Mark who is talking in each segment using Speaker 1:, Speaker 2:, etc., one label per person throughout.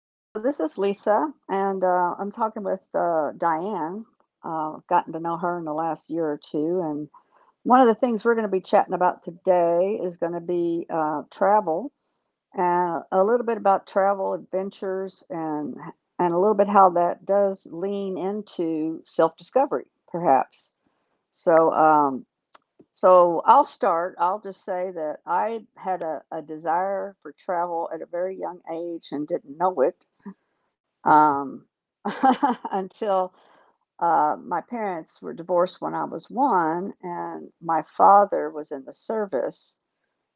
Speaker 1: so this is Lisa, and I'm talking with Diane. I've gotten to know her in the last year or two, and one of the things we're going to be chatting about today is going to be travel and a little bit about travel adventures and a little bit how that does lean into self-discovery, perhaps. So, um, so I'll start. I'll just say that I had a desire for travel at a very young age and didn't know it um, until my parents were divorced when I was 1, and my father was in the service.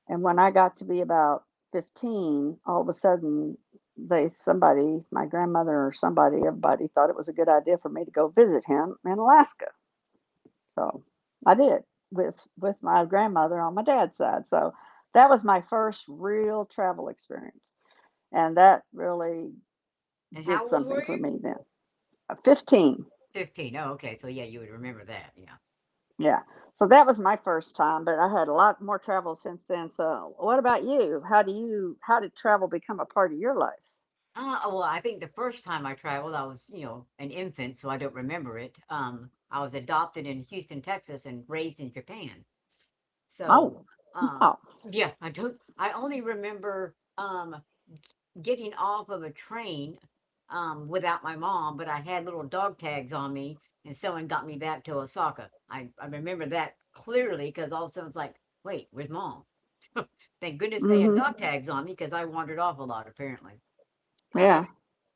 Speaker 1: And when I got to be about 15, all of a sudden, they somebody, my grandmother or somebody, everybody thought it was a good idea for me to go visit him in Alaska. So I did with my grandmother on my dad's side. So that was my first real travel experience, and that really
Speaker 2: And
Speaker 1: did
Speaker 2: how old
Speaker 1: something
Speaker 2: were
Speaker 1: for
Speaker 2: you?
Speaker 1: me then. 15.
Speaker 2: 15. Oh, okay. So, yeah, you would remember that. Yeah.
Speaker 1: Yeah. So that was my first time, but I had a lot more travel since then. So what about you? How do you how did travel become a part of your life?
Speaker 2: Oh, well, I think the first time I traveled, I was, you know, an infant, so I don't remember it. I was adopted in Houston, Texas, and raised in Japan. So,
Speaker 1: Oh,
Speaker 2: um,
Speaker 1: wow.
Speaker 2: yeah, I don't, I only remember, getting off of a train, without my mom, but I had little dog tags on me and someone got me back to Osaka. I remember that clearly because all of a sudden it's like, wait, where's mom? Thank goodness they had
Speaker 1: Mhm.
Speaker 2: dog tags on me because I wandered off a lot apparently. Um,
Speaker 1: Yeah.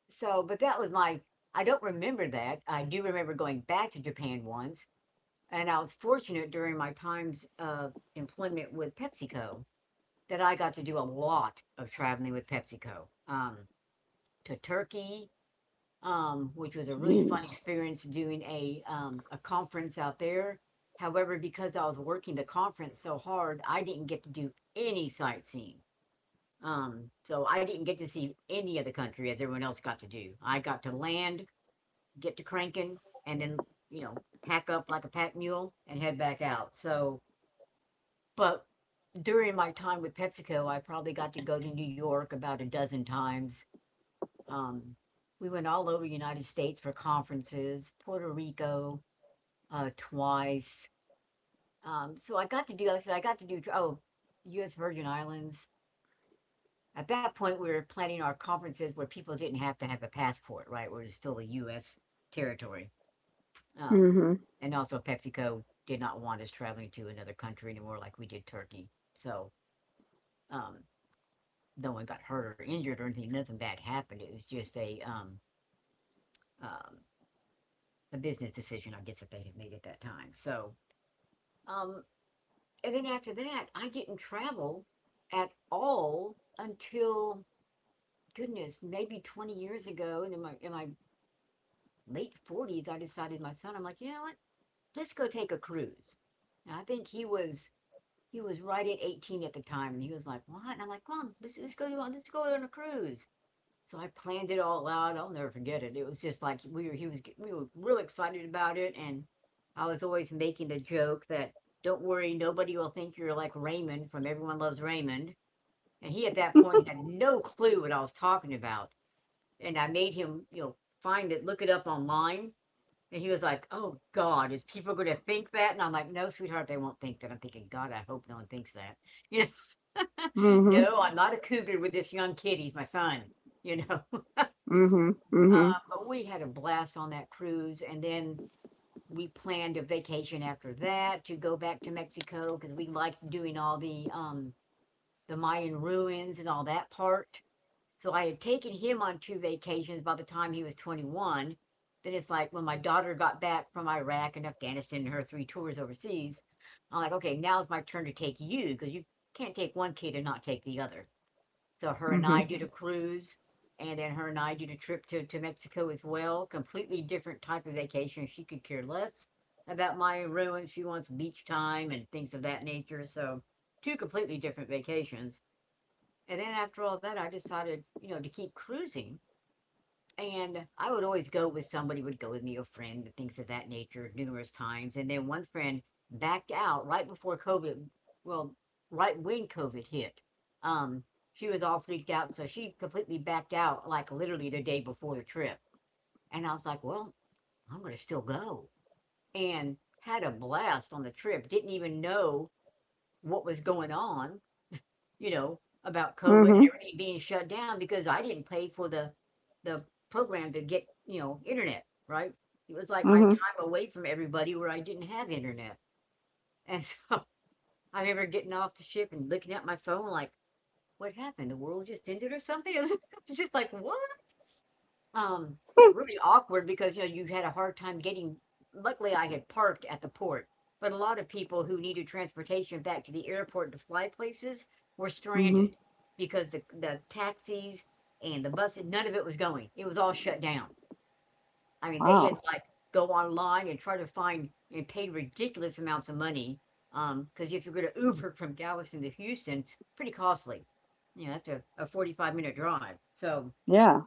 Speaker 2: so, but that was my, I don't remember that. I do remember going back to Japan once, and I was fortunate during my times of employment with PepsiCo that I got to do a lot of traveling with PepsiCo, to Turkey, which was a really
Speaker 1: Jeez.
Speaker 2: fun experience doing a conference out there. However, because I was working the conference so hard, I didn't get to do any sightseeing. So I didn't get to see any of the country as everyone else got to do. I got to land, get to cranking, and then you know pack up like a pack mule and head back out. But during my time with PepsiCo, I probably got to go to New York about a dozen times. Um, we went all over the United States for conferences, Puerto Rico twice. So I got to do, like I said, I got to do, oh, US Virgin Islands. At that point, we were planning our conferences where people didn't have to have a passport, right? Where it was still a US territory. Um,
Speaker 1: Mhm.
Speaker 2: and also, PepsiCo did not want us traveling to another country anymore like we did Turkey. So, um, no one got hurt or injured or anything. Nothing bad happened. It was just um, a business decision, I guess, that they had made at that time. Um, and then after that, I didn't travel at all until, goodness, maybe 20 years ago. And in my late 40s, I decided, my son, I'm like, you know what? Let's go take a cruise. And I think he was right at 18 at the time, and he was like, what? And I'm like, Mom, let's go on a cruise. So I planned it all out. I'll never forget it. It was just like we were real excited about it. And I was always making the joke that don't worry, nobody will think you're like Raymond from Everyone Loves Raymond. And he at that point had no clue what I was talking about. And I made him, you know, find it, look it up online. And he was like, oh God, is people going to think that? And I'm like, no, sweetheart, they won't think that. I'm thinking, God, I hope no one thinks that. You know,
Speaker 1: Mhm.
Speaker 2: no, I'm not a cougar with this young kid. He's my son, you know.
Speaker 1: Mhm.
Speaker 2: Uh,
Speaker 1: Mhm.
Speaker 2: but we had a blast on that cruise, and then we planned a vacation after that to go back to Mexico because we liked doing all the Mayan ruins and all that part. So I had taken him on two vacations by the time he was 21. Then it's like when my daughter got back from Iraq and Afghanistan and her three tours overseas, I'm like, okay, now it's my turn to take you because you can't take one kid and not take the other. So her and
Speaker 1: Mhm.
Speaker 2: I did a cruise, and then her and I did a trip to Mexico as well. Completely different type of vacation. She could care less about my ruins. She wants beach time and things of that nature. So two completely different vacations. And then after all that, I decided, you know, to keep cruising, and I would always go with, somebody would go with me, a friend, and things of that nature, numerous times. And then one friend backed out right before COVID, well, right when COVID hit. Um, she was all freaked out, so she completely backed out, like literally the day before the trip. And I was like, well, I'm gonna still go, and had a blast on the trip. Didn't even know what was going on, you know, about COVID and
Speaker 1: Mhm.
Speaker 2: everything being shut down because I didn't pay for the program to get, you know, internet, right? It was like my
Speaker 1: Mhm.
Speaker 2: time away from everybody where I didn't have internet. And so I remember getting off the ship and looking at my phone like, what happened? The world just ended or something? It was just like, what? um,
Speaker 1: Hmm.
Speaker 2: Really awkward because, you know, you had a hard time getting, luckily, I had parked at the port, but a lot of people who needed transportation back to the airport to fly places were
Speaker 1: Mhm.
Speaker 2: stranded because the taxis and the buses, none of it was going. It was all shut down. I mean, they had
Speaker 1: Wow.
Speaker 2: to, like, go online and try to find and pay ridiculous amounts of money. Because if you're gonna Uber from Galveston to Houston, pretty costly. You know, that's a 45-minute drive, so
Speaker 1: Yeah.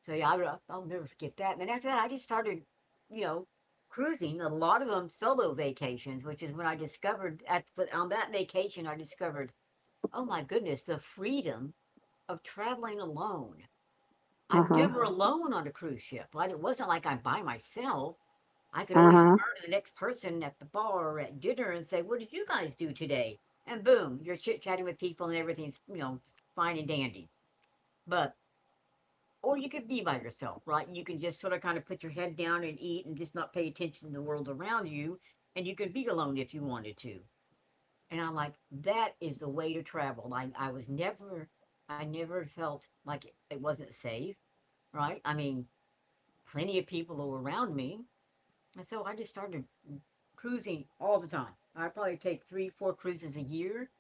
Speaker 2: so yeah, I'll never forget that. And then after that, I just started, you know, cruising. A lot of them solo vacations, which is when I discovered at, on that vacation I discovered, oh my goodness, the freedom of traveling alone. I'm
Speaker 1: Uh-huh.
Speaker 2: never alone on a cruise ship. Like it wasn't like I'm by myself. I could always turn
Speaker 1: Uh-huh.
Speaker 2: to the next person at the bar or at dinner and say, "What did you guys do today?" And boom, you're chit chatting with people and everything's, you know, fine and dandy. But or you could be by yourself, right? You can just sort of kind of put your head down and eat and just not pay attention to the world around you. And you can be alone if you wanted to. And I'm like, that is the way to travel. I never felt like it wasn't safe, right? I mean, plenty of people were around me. And so I just started cruising all the time. I probably take three, four cruises a year.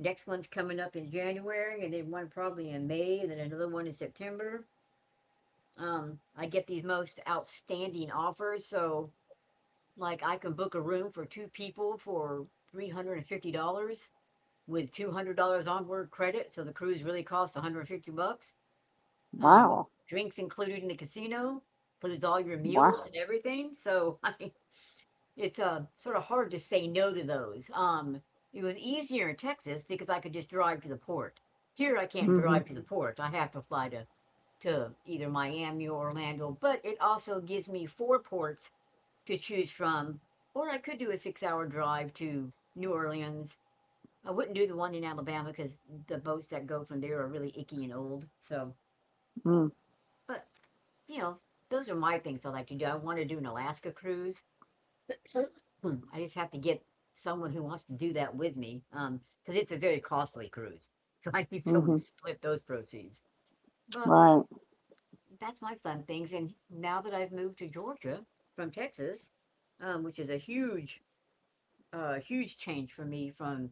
Speaker 2: Next one's coming up in January, and then one probably in May, and then another one in September. I get these most outstanding offers. So like I can book a room for two people for $350 with $200 onboard credit, so the cruise really costs 150 bucks with
Speaker 1: Wow.
Speaker 2: drinks included in the casino, includes all your
Speaker 1: Wow.
Speaker 2: meals and everything. So I mean it's sort of hard to say no to those. It was easier in Texas because I could just drive to the port. Here I can't
Speaker 1: Mhm.
Speaker 2: drive to the port, I have to fly to either Miami or Orlando, but it also gives me four ports to choose from. Or I could do a 6 hour drive to New Orleans. I wouldn't do the one in Alabama because the boats that go from there are really icky and old. So,
Speaker 1: Mm.
Speaker 2: but you know, those are my things I like to do. I want to do an Alaska cruise. I just have to get someone who wants to do that with me, because it's a very costly cruise. So I need someone to
Speaker 1: Mhm.
Speaker 2: split those proceeds. But
Speaker 1: Right.
Speaker 2: that's my fun things. And now that I've moved to Georgia from Texas, which is a huge, huge change for me from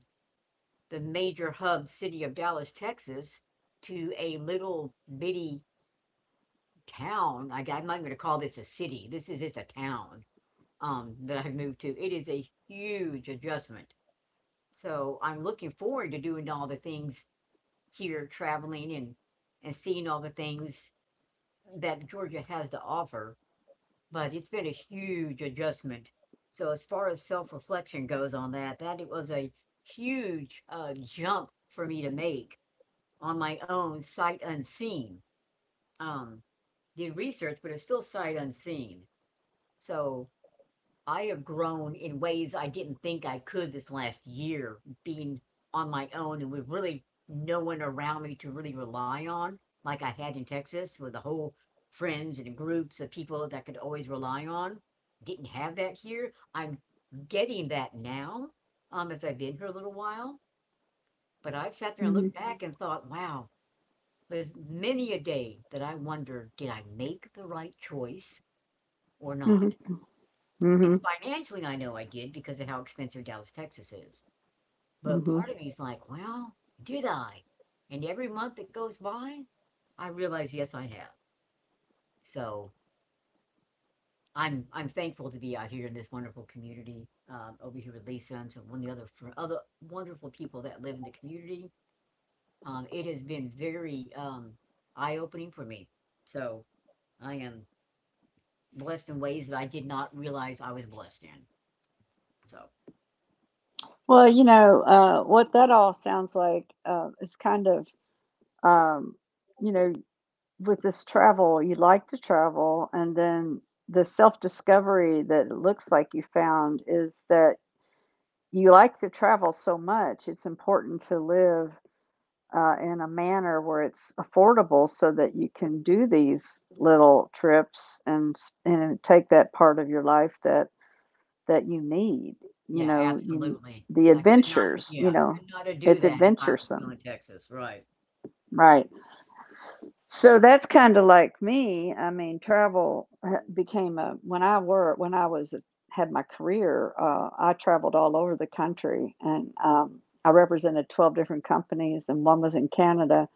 Speaker 2: the major hub city of Dallas, Texas, to a little bitty town. I'm not going to call this a city. This is just a town that I've moved to. It is a huge adjustment. So I'm looking forward to doing all the things here, traveling and seeing all the things that Georgia has to offer, but it's been a huge adjustment. So as far as self-reflection goes on that, that it was a huge jump for me to make on my own, sight unseen. Um, did research, but it's still sight unseen. So I have grown in ways I didn't think I could this last year, being on my own and with really no one around me to really rely on, like I had in Texas with the whole friends and groups of people that I could always rely on. Didn't have that here. I'm getting that now, as I've been here a little while. But I've sat there and
Speaker 1: Mhm.
Speaker 2: looked back and thought, wow, there's many a day that I wonder, did I make the right choice or not?
Speaker 1: Mhm.
Speaker 2: And
Speaker 1: Mhm.
Speaker 2: financially, I know I did because of how expensive Dallas, Texas is. But
Speaker 1: Mhm.
Speaker 2: part of me's like, well, did I? And every month that goes by, I realize, yes, I have. So I'm thankful to be out here in this wonderful community, over here with Lisa and some one of the other wonderful people that live in the community. It has been very eye opening for me. So I am blessed in ways that I did not realize I was blessed in. So
Speaker 1: Well, what that all sounds like is kind of um, you know, with this travel, you like to travel, and then the self discovery that it looks like you found is that you like to travel so much. It's important to live in a manner where it's affordable so that you can do these little trips and and take that part of your life that you need. You
Speaker 2: yeah,
Speaker 1: know, you
Speaker 2: absolutely.
Speaker 1: the
Speaker 2: I could not,
Speaker 1: adventures. You
Speaker 2: yeah,
Speaker 1: know,
Speaker 2: could not do
Speaker 1: it's
Speaker 2: that if I was still
Speaker 1: adventuresome,
Speaker 2: in Texas, right.
Speaker 1: right? So that's kind of like me. I mean, travel ha- became a when I was had my career. I traveled all over the country, and I represented 12 different companies, and one was in Canada.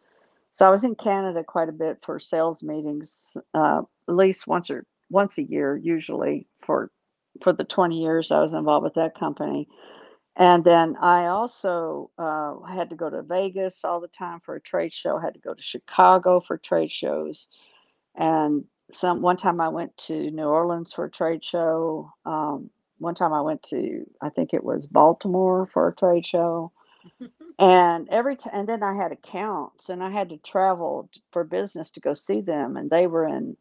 Speaker 1: So I was in Canada quite a bit for sales meetings, at least once or once a year, usually for the 20 years I was involved with that company. And then I also had to go to Vegas all the time for a trade show. Had to go to Chicago for trade shows. And some one time I went to New Orleans for a trade show. One time I went to, I think it was, Baltimore for a trade show. And every time, and then I had accounts, and I had to travel for business to go see them, and they were in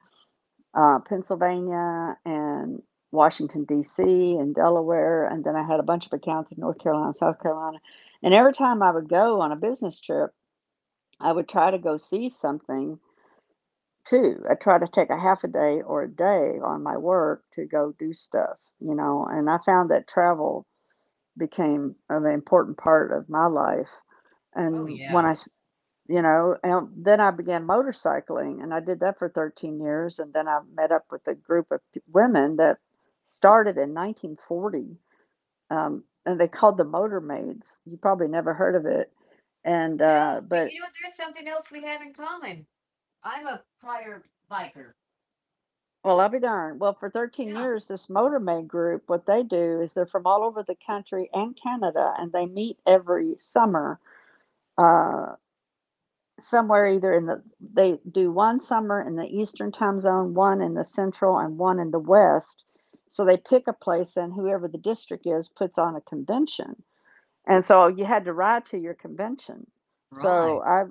Speaker 1: Pennsylvania and Washington, D.C., and Delaware. And then I had a bunch of accounts in North Carolina, South Carolina. And every time I would go on a business trip, I would try to go see something too. I try to take a half a day or a day on my work to go do stuff, you know. And I found that travel became an important part of my life.
Speaker 2: Oh,
Speaker 1: And
Speaker 2: yeah.
Speaker 1: when I. You know, and then I began motorcycling, and I did that for 13 years, and then I met up with a group of women that started in 1940, and they called the Motormaids. You probably never heard of it, and
Speaker 2: No, but
Speaker 1: but
Speaker 2: you know what, there's something else we have in common. I'm a prior biker.
Speaker 1: well, I'll be darned. Well, for 13
Speaker 2: Yeah.
Speaker 1: years, this Motormaid group, what they do is they're from all over the country and Canada, and they meet every summer. Uh, somewhere either in the they do one summer in the eastern time zone, one in the central, and one in the west. So they pick a place, and whoever the district is puts on a convention, and so you had to ride to your convention. So
Speaker 2: Right,
Speaker 1: I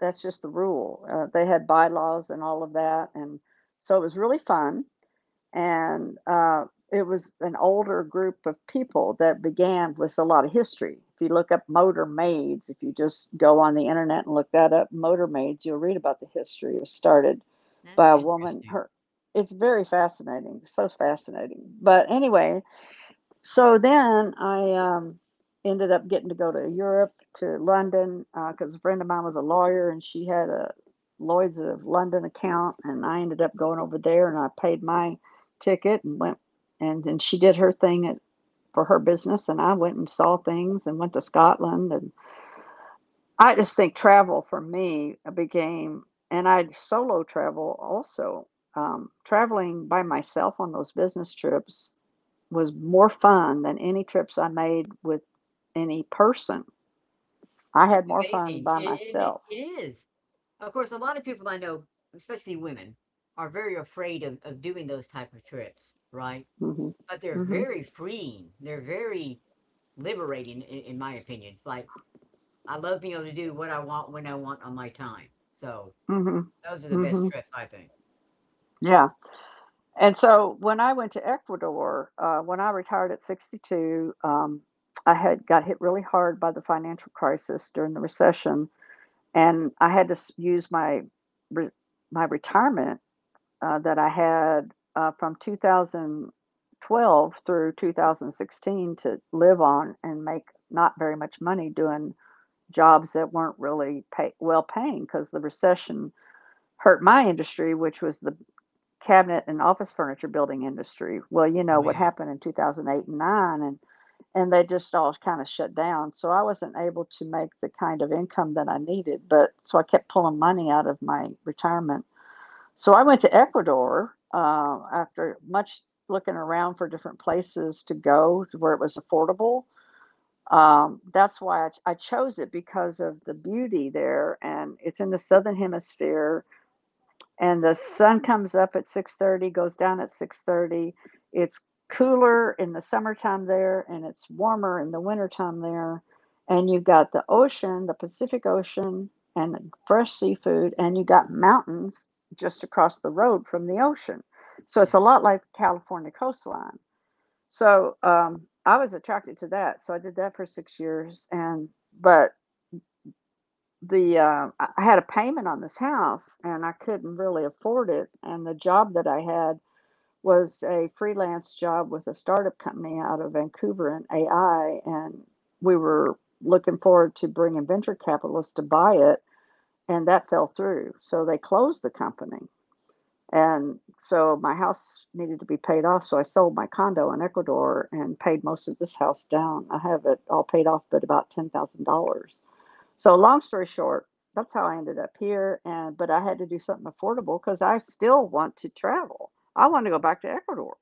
Speaker 1: That's just the rule. They had bylaws and all of that, and so it was really fun and it was an older group of people that began with a lot of history. If you look up motor maids, if you just go on the internet and look that up, motor maids, you'll read about the history. It was started by
Speaker 2: that's
Speaker 1: a woman.
Speaker 2: interesting.
Speaker 1: It's very fascinating, so fascinating. But anyway, so then I ended up getting to go to Europe, to London, because a friend of mine was a lawyer and she had a Lloyd's of London account, and I ended up going over there and I paid my ticket and went, and she did her thing for her business, and I went and saw things and went to Scotland, and I just think travel for me became, and I solo travel also. Traveling by myself on those business trips was more fun than any trips I made with any person. I
Speaker 2: It's
Speaker 1: had more fun
Speaker 2: amazing,
Speaker 1: by
Speaker 2: a and it
Speaker 1: myself.
Speaker 2: it is. Of course, a lot of people I know, especially women, are very afraid of doing those type of trips, right?
Speaker 1: Mm. Hmm.
Speaker 2: But they're
Speaker 1: Mm.
Speaker 2: very freeing, they're very liberating I in my opinion, it's like I love being able to do what I want when I want on my time. So
Speaker 1: Hmm.
Speaker 2: those are the
Speaker 1: Hmm.
Speaker 2: best
Speaker 1: Hmm.
Speaker 2: trips, I think.
Speaker 1: Yeah. And so when I went to Ecuador, when I retired at 62, I had got hit really hard by the financial crisis during the recession, and I had to use my re- my retirement that I had from 2012 through 2016 to live on and make not very much money doing jobs that weren't really well paying because the recession hurt my industry, which was the cabinet and office furniture building industry. Well, you know
Speaker 2: Oh,
Speaker 1: what
Speaker 2: yeah.
Speaker 1: happened in 2008 and 9, and they just all kind of shut down. So I wasn't able to make the kind of income that I needed, but so I kept pulling money out of my retirement. So I went to Ecuador after much looking around for different places to go to where it was affordable. That's why I chose it because of the beauty there, and it's in the southern hemisphere, and the sun comes up at 6:30, goes down at 6:30. It's cooler in the summertime there, and it's warmer in the wintertime there, and you've got the ocean, the Pacific Ocean, and fresh seafood, and you got mountains just across the road from the ocean. So it's
Speaker 2: Yeah.
Speaker 1: a lot like the California coastline. So I was attracted to that, so I did that for 6 years. And but the I had a payment on this house and I couldn't really afford it. And the job that I had was a freelance job with a startup company out of Vancouver in AI, and we were looking forward to bringing venture capitalists to buy it, and that fell through. So they closed the company. And so my house needed to be paid off. So I sold my condo in Ecuador and paid most of this house down. I have it all paid off, but about $10,000. So long story short, that's how I ended up here. And but I had to do something affordable because I still want to travel. I want to go back to Ecuador.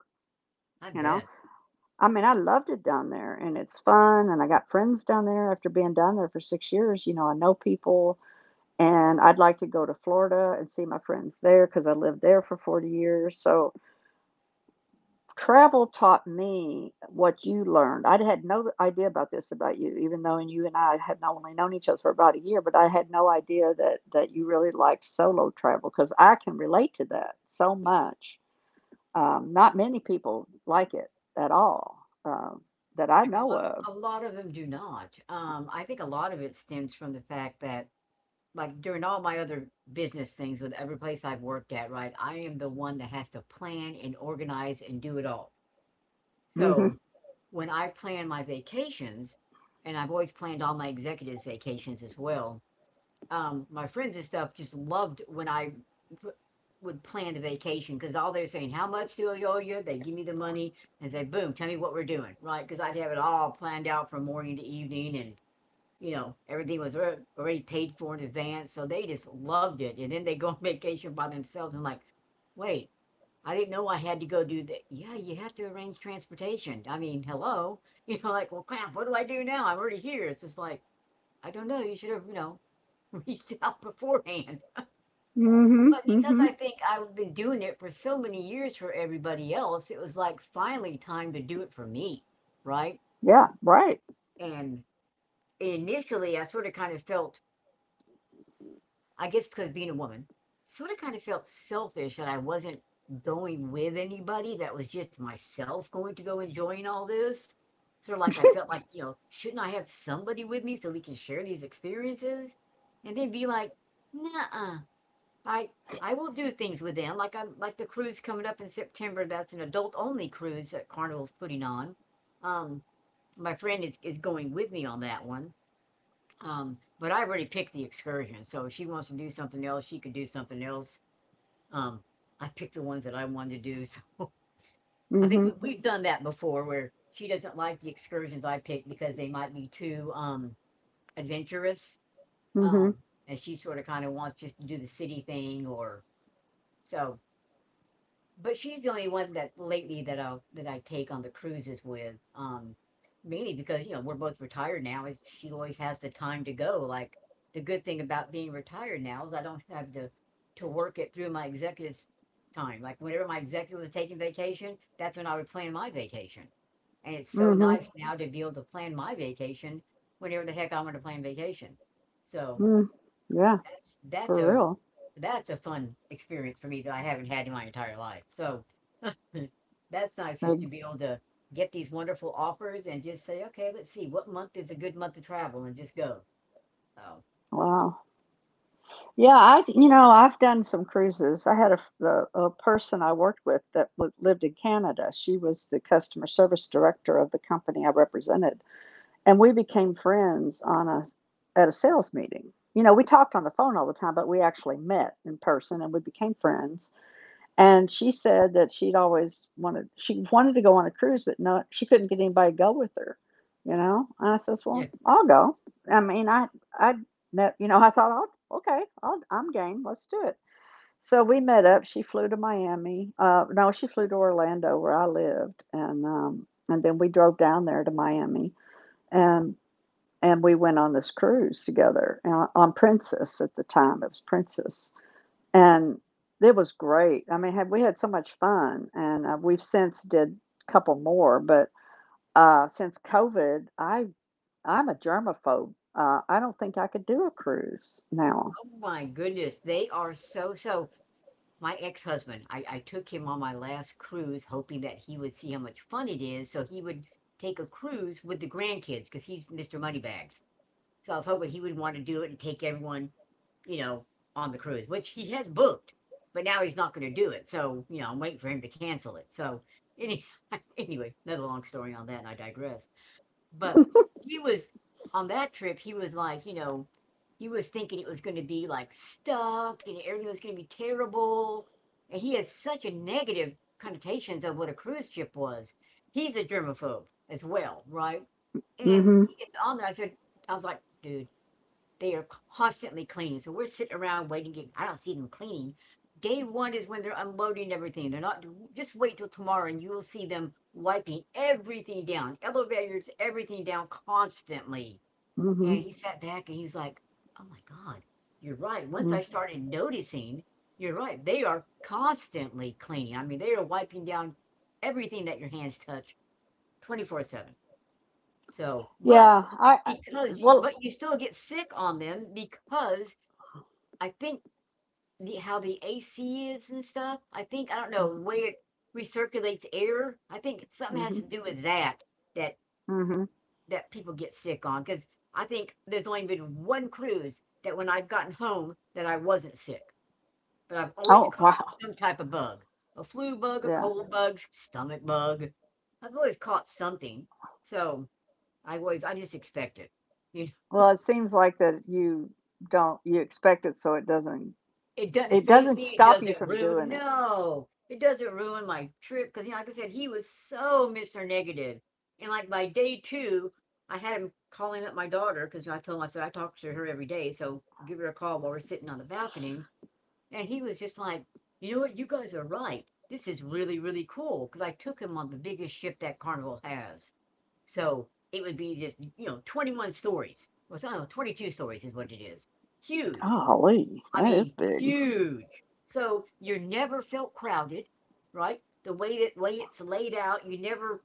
Speaker 2: I
Speaker 1: You know,
Speaker 2: bet.
Speaker 1: I mean, I loved it down there, and it's fun, and I got friends down there after being down there for 6 years. You know, I know people, and I'd like to go to Florida and see my friends there because I lived there for 40 years. So travel taught me what you learned. I had no idea about this about you, even though you and I had not only known each other for about a year, but I had no idea that you really liked solo travel because I can relate to that so much. Not many people like it at all, that I
Speaker 2: Correct.
Speaker 1: know of.
Speaker 2: A lot of them do not. I think a lot of it stems from the fact that, like, during all my other business things with every place I've worked at, right, I am the one that has to plan and organize and do it all.
Speaker 1: Mm-hmm.
Speaker 2: So when I plan my vacations, and I've always planned all my executives' vacations as well, my friends and stuff just loved when I would plan a vacation because all they're saying, how much do I owe you? They give me the money and say, boom, tell me what we're doing, right? Because I'd have it all planned out from morning to evening and, you know, everything was already paid for in advance. So they just loved it. And then they go on vacation by themselves and I'm like, wait, I didn't know I had to go do that. Yeah, you have to arrange transportation. I mean, hello. You know, like, well, crap, what do I do now? I'm already here. It's just like, I don't know. You should have, you know, reached out beforehand.
Speaker 1: Mm-hmm.
Speaker 2: But because
Speaker 1: Mm-hmm.
Speaker 2: I think I've been doing it for so many years for everybody else, it was like finally time to do it for me, right?
Speaker 1: Yeah. Right.
Speaker 2: And initially, I sort of kind of felt, I guess because being a woman, sort of kind of felt selfish that I wasn't going with anybody, that was just myself going to go enjoying all this. Sort of like I felt like, you know, shouldn't I have somebody with me so we can share these experiences? And then be like, nah, I I will do things with them, like I like the cruise coming up in September. That's an adult only cruise that Carnival's putting on. Um, my friend is going with me on that one. But I already picked the excursion, so if she wants to do something else, she could do something else. Um, I picked the ones that I wanted to do, so I think
Speaker 1: Mm-hmm.
Speaker 2: we've done that before, where she doesn't like the excursions I pick because they might be too adventurous.
Speaker 1: Mm-hmm.
Speaker 2: Um, and she sort of kind of wants just to do the city thing, or so but she's the only one that lately that I take on the cruises with. Mainly because you know we're both retired now. Is she always has the time to go? Like the good thing about being retired now is I don't have to work it through my executive's time. Like whenever my executive was taking vacation, that's when I would plan my vacation. And it's so
Speaker 1: Mm-hmm.
Speaker 2: nice. Oh, now to be able to plan my vacation whenever the heck I want to plan vacation. So
Speaker 1: Mm. Yeah.
Speaker 2: that's that's
Speaker 1: For
Speaker 2: a
Speaker 1: real.
Speaker 2: that's a fun experience for me that I haven't had in my entire life. So Mm. That's nice is to be
Speaker 1: Ex-
Speaker 2: able to get these wonderful offers and just say, "Okay, let's see what month is a good month to travel," and just go. So
Speaker 1: Wow. Yeah, I've done some cruises. I had a f a person I worked with that was lived in Canada. She was the customer service director of the company I represented, and we became friends on a at a sales meeting. You know, we talked on the phone all the time, but we actually met in person and we became friends. And she said that she'd always wanted she wanted to go on a cruise, but no, she couldn't get anybody to go with her, you know. And I says, "Well,
Speaker 2: yeah.
Speaker 1: I'll go." I mean, I ne you know, I thought, "I'll okay, I'll I'm game. Let's do it." So we met up. She flew to Miami. No, she flew to Orlando where I lived, and then we drove down there to Miami, and we went on this cruise together on Princess at the time. It was Princess and it was great. I mean, had we had so much fun, and we've since did a couple more, but since COVID, I'm a germaphobe. I don't think I could do a cruise now.
Speaker 2: Oh my goodness, they are so my ex-husband, I took him on my last cruise hoping that he would see how much fun it is, so he would take a cruise with the grandkids because he's Mr. Moneybags. So I was hoping he would wanna do it and take everyone, you know, on the cruise, which he has booked, but now he's not going to do it. So, you know, I'm waiting for him to cancel it. So, any, anyway, another long story on that, and I digress. But he was on that trip, he was like, you know, he was thinking it was going to be like stuck and everything was going to be terrible. And he had such a negative connotations of what a cruise ship was. He's a germaphobe as well, right? And
Speaker 1: Mhm.
Speaker 2: he gets on there. I said, I was like, dude, they are constantly cleaning, so we're sitting around waiting, and I don't see them cleaning. Day one is when they're unloading everything. They're not, just wait till tomorrow and you will see them wiping everything down, elevators, everything down constantly. And
Speaker 1: Mhm.
Speaker 2: Mhm. He sat back and he was like, oh my God, you're right. Once
Speaker 1: Mm.
Speaker 2: I started noticing, you're right. They are constantly cleaning. I mean, they are wiping down everything that your hands touch 24 7. So, but
Speaker 1: Yeah, I
Speaker 2: because you,
Speaker 1: well
Speaker 2: but you still get sick on them because I think the how the AC is and stuff, I think, I don't
Speaker 1: mhm,
Speaker 2: know, the way it recirculates air, I think something has
Speaker 1: mm
Speaker 2: to do with that that
Speaker 1: mhm.
Speaker 2: that people get sick on because I think there's only been one cruise that when I've gotten home that I wasn't sick, but I've always
Speaker 1: Oh,
Speaker 2: caught
Speaker 1: wow.
Speaker 2: some type of bug, a flu bug, a
Speaker 1: Yeah.
Speaker 2: cold bug, stomach bug. I've always caught something, so I always I just expect it, you.
Speaker 1: Well, it seems like that you don't you expect it, so it
Speaker 2: It doesn't faze
Speaker 1: doesn't
Speaker 2: me, it
Speaker 1: stop you
Speaker 2: doesn't
Speaker 1: from
Speaker 2: ruin,
Speaker 1: doing it.
Speaker 2: no, it doesn't ruin my trip. Because you know, like I said, he was so Mr. Negative, and, like, by day 2, I had him calling up my daughter because I told him, I said, "I talk to her every day, so give her a call while we're sitting on the balcony," and he was just like, "You know what? You guys are right. This is really, really cool." Because I took him on the biggest ship that Carnival has, so it would be just, you know, 21 stories, or so I don't know, 22 stories is what it is. Huge.
Speaker 1: Golly,
Speaker 2: I
Speaker 1: that
Speaker 2: mean,
Speaker 1: is big.
Speaker 2: huge. So you're never felt crowded, right? The way that way it's laid out, you never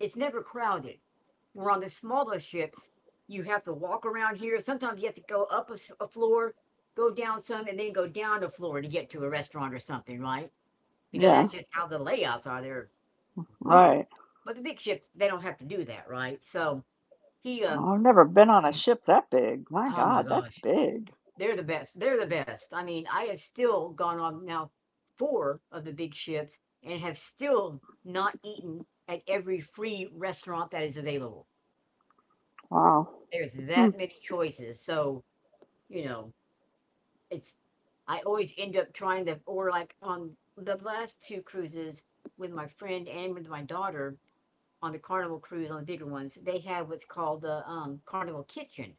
Speaker 2: it's never crowded. Where on the smaller ships, you have to walk around here. Sometimes you have to go up a floor, go down some, and then go down a floor to get to a restaurant or something, right? Because
Speaker 1: Yeah,
Speaker 2: that's just how the layouts are. They're weird.
Speaker 1: right.
Speaker 2: But the big ships, they don't have to do that, right? So he
Speaker 1: Oh, I've never been on
Speaker 2: was,
Speaker 1: a ship that big. My
Speaker 2: oh my
Speaker 1: God, that's
Speaker 2: gosh.
Speaker 1: big.
Speaker 2: They're the best. They're the best. I mean, I have still gone on now four of the big ships and have still not eaten at every free restaurant that is available.
Speaker 1: Wow.
Speaker 2: There's
Speaker 1: Hmm.
Speaker 2: that many choices. So, you know, it's, I always end up trying to, or like on the last two cruises with my friend and with my daughter on the Carnival cruise, on the bigger ones, they have what's called the Carnival Kitchen.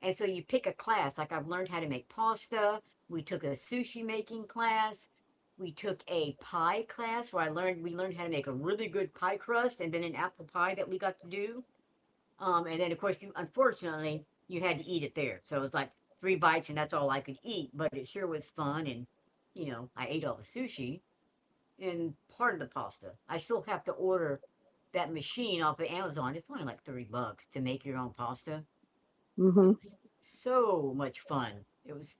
Speaker 2: And so you pick a class. Like I've learned how to make pasta. We took a sushi making class. We took a pie class where I learned we learned how to make a really good pie crust and then an apple pie that we got to do. And then of course you unfortunately you had to eat it there. So it was like three bites and that's all I could eat, but it sure was fun and you know, I ate all the sushi and part of the pasta. I still have to order that machine off of Amazon. It's only like $3 to make your own pasta.
Speaker 1: Mm-hmm.
Speaker 2: It was so much fun. It was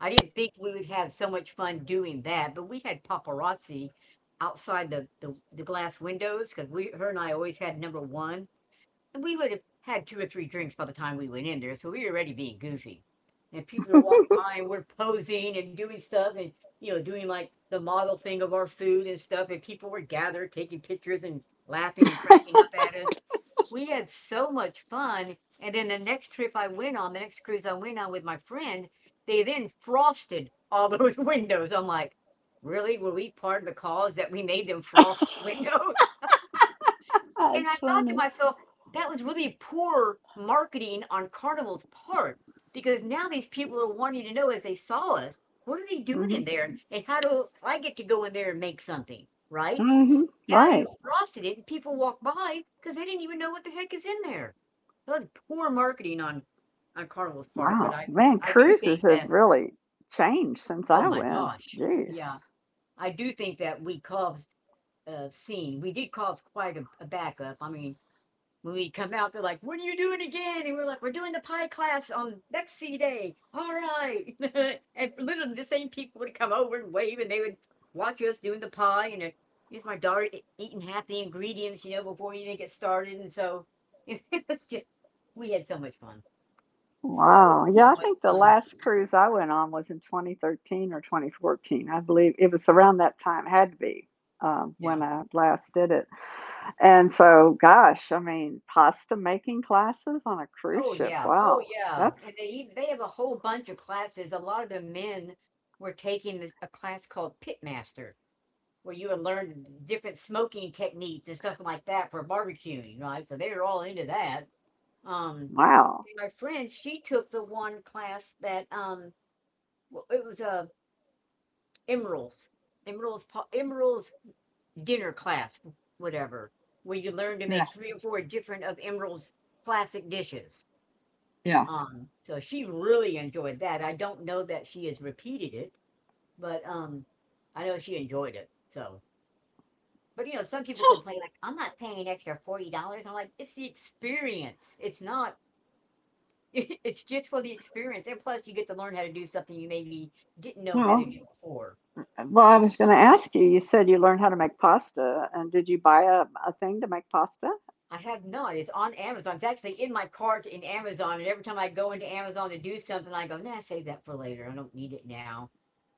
Speaker 2: I didn't think we would have so much fun doing that, but we had paparazzi outside the glass windows because we her and I always had number one we would have had two or three drinks by the time we went in there, so we were already being goofy. And people are walking by and we're posing and doing stuff and, doing like the model thing of our food and stuff, and people were gathered taking pictures and laughing and cracking up at us. We had so much fun. And then the next trip I went on, the next cruise I went on with my friend, they then frosted all those windows. I'm like, really? Were we part of the cause that we made them frost the windows? And
Speaker 1: That's
Speaker 2: I thought to
Speaker 1: funny.
Speaker 2: myself, that was really poor marketing on Carnival's part because now these people are wanting to know. As they saw us, what are they doing
Speaker 1: Hmm.
Speaker 2: in there? And how do I get to go in there and make something, right?
Speaker 1: Hmm.
Speaker 2: Now you
Speaker 1: Right.
Speaker 2: frosted it and people walk by because they didn't even know what the heck is in there. That was poor marketing on Carnival's part, but
Speaker 1: Wow.
Speaker 2: I
Speaker 1: Man,
Speaker 2: I do
Speaker 1: cruises
Speaker 2: think
Speaker 1: have
Speaker 2: that,
Speaker 1: really changed since
Speaker 2: oh
Speaker 1: I
Speaker 2: my
Speaker 1: went.
Speaker 2: gosh,
Speaker 1: Jeez.
Speaker 2: yeah, I do think that we caused scene. We did cause quite a backup. I mean, when we come out, they're like, "What are you doing again?" And we're like, "We're doing the pie class on next C day." All right, and literally the same people would come over and wave, and they would watch us doing the pie. And here's my daughter eating half the ingredients, before you even get started. And so it was just, we had so much fun, so
Speaker 1: Wow. Yeah, I
Speaker 2: so much
Speaker 1: think the
Speaker 2: fun.
Speaker 1: last cruise I went on was in 2013 or 2014. I believe it was around that time, had to be when
Speaker 2: Yeah.
Speaker 1: I last did it. And so, gosh, I mean, pasta making classes on a cruise
Speaker 2: Oh
Speaker 1: ship.
Speaker 2: yeah. Oh
Speaker 1: Wow.
Speaker 2: yeah.
Speaker 1: That's
Speaker 2: And they have a whole bunch of classes. A lot of the men were taking a class called Pitmaster where you would learn different smoking techniques and stuff like that for barbecuing, right? So they were all into that. Um,
Speaker 1: wow.
Speaker 2: my friend, she took the one class that it was a emeralds, emeralds dinner class, whatever, where you learn to
Speaker 1: Yeah.
Speaker 2: make three or four different of emeralds classic dishes.
Speaker 1: Yeah.
Speaker 2: So she really enjoyed that. I don't know that she has repeated it, but I know she enjoyed it. So, but some people complain like, "I'm not paying an extra $40." I'm like, "It's the experience. It's not it's just for the experience, and plus you get to learn how to do something you maybe didn't know
Speaker 1: Huh.
Speaker 2: how to
Speaker 1: Well,
Speaker 2: do before."
Speaker 1: I was going to ask you. You said you learned how to make pasta, and did you buy a thing to make pasta?
Speaker 2: I have not. It's on Amazon. It's actually in my cart in Amazon, and every time I go into Amazon to do something, I go, "Nah, save that for later. I don't need it now."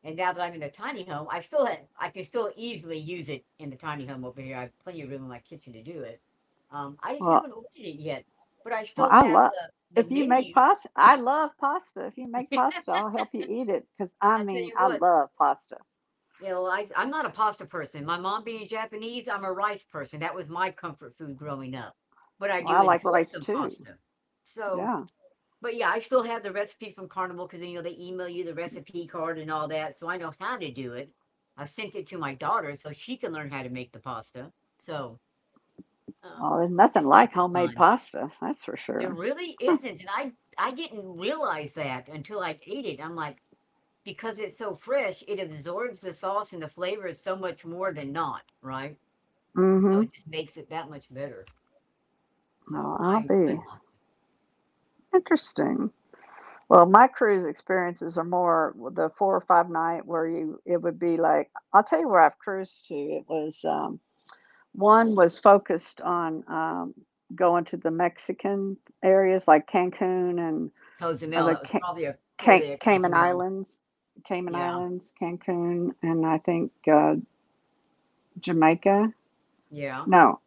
Speaker 2: And now that I'm in the tiny home, I still have, I can still easily use it in the tiny home over here. I have plenty of room in my kitchen to do it. I just
Speaker 1: Well,
Speaker 2: haven't ordered it yet, but I
Speaker 1: well,
Speaker 2: still
Speaker 1: I
Speaker 2: have
Speaker 1: love.
Speaker 2: the
Speaker 1: If you make
Speaker 2: menu.
Speaker 1: pasta, I love pasta. If you make
Speaker 2: I
Speaker 1: pasta, I'll help you eat it because I
Speaker 2: tell
Speaker 1: mean,
Speaker 2: you
Speaker 1: I
Speaker 2: what,
Speaker 1: love pasta.
Speaker 2: I'm not a pasta person. My mom being Japanese, I'm a rice person. That was my comfort food growing up. But I
Speaker 1: Well, I
Speaker 2: do
Speaker 1: like
Speaker 2: enjoy
Speaker 1: rice
Speaker 2: some
Speaker 1: too.
Speaker 2: pasta. So,
Speaker 1: Yeah.
Speaker 2: but yeah, I still have the recipe from Carnival because you know they email you the recipe card and all that, so I know how to do it. I've sent it to my daughter so she can learn how to make the pasta. So, um,
Speaker 1: Well, there's nothing
Speaker 2: just
Speaker 1: like
Speaker 2: something
Speaker 1: homemade
Speaker 2: fun.
Speaker 1: pasta, that's for
Speaker 2: There
Speaker 1: sure.
Speaker 2: really isn't, and I didn't realize that until I ate it. I'm like, because it's so fresh, it absorbs the sauce and the flavors so much more than not, right? So
Speaker 1: Mm-hmm.
Speaker 2: it just makes it that much better. So
Speaker 1: Well, I'll
Speaker 2: I
Speaker 1: be
Speaker 2: love.
Speaker 1: interesting. Well,
Speaker 2: Yeah.
Speaker 1: my cruise experiences are more the four or five night where you it would be like I'll tell you where I've cruised to. It was one was focused on going to the Mexican areas like Cancun and uh,
Speaker 2: Cozumel,
Speaker 1: the
Speaker 2: that was
Speaker 1: Ca-
Speaker 2: probably a 4
Speaker 1: Ca-
Speaker 2: day at
Speaker 1: Cayman
Speaker 2: Cozumel.
Speaker 1: Islands, Cayman
Speaker 2: Yeah,
Speaker 1: Islands, Cancun, and I think Jamaica.
Speaker 2: yeah,
Speaker 1: No,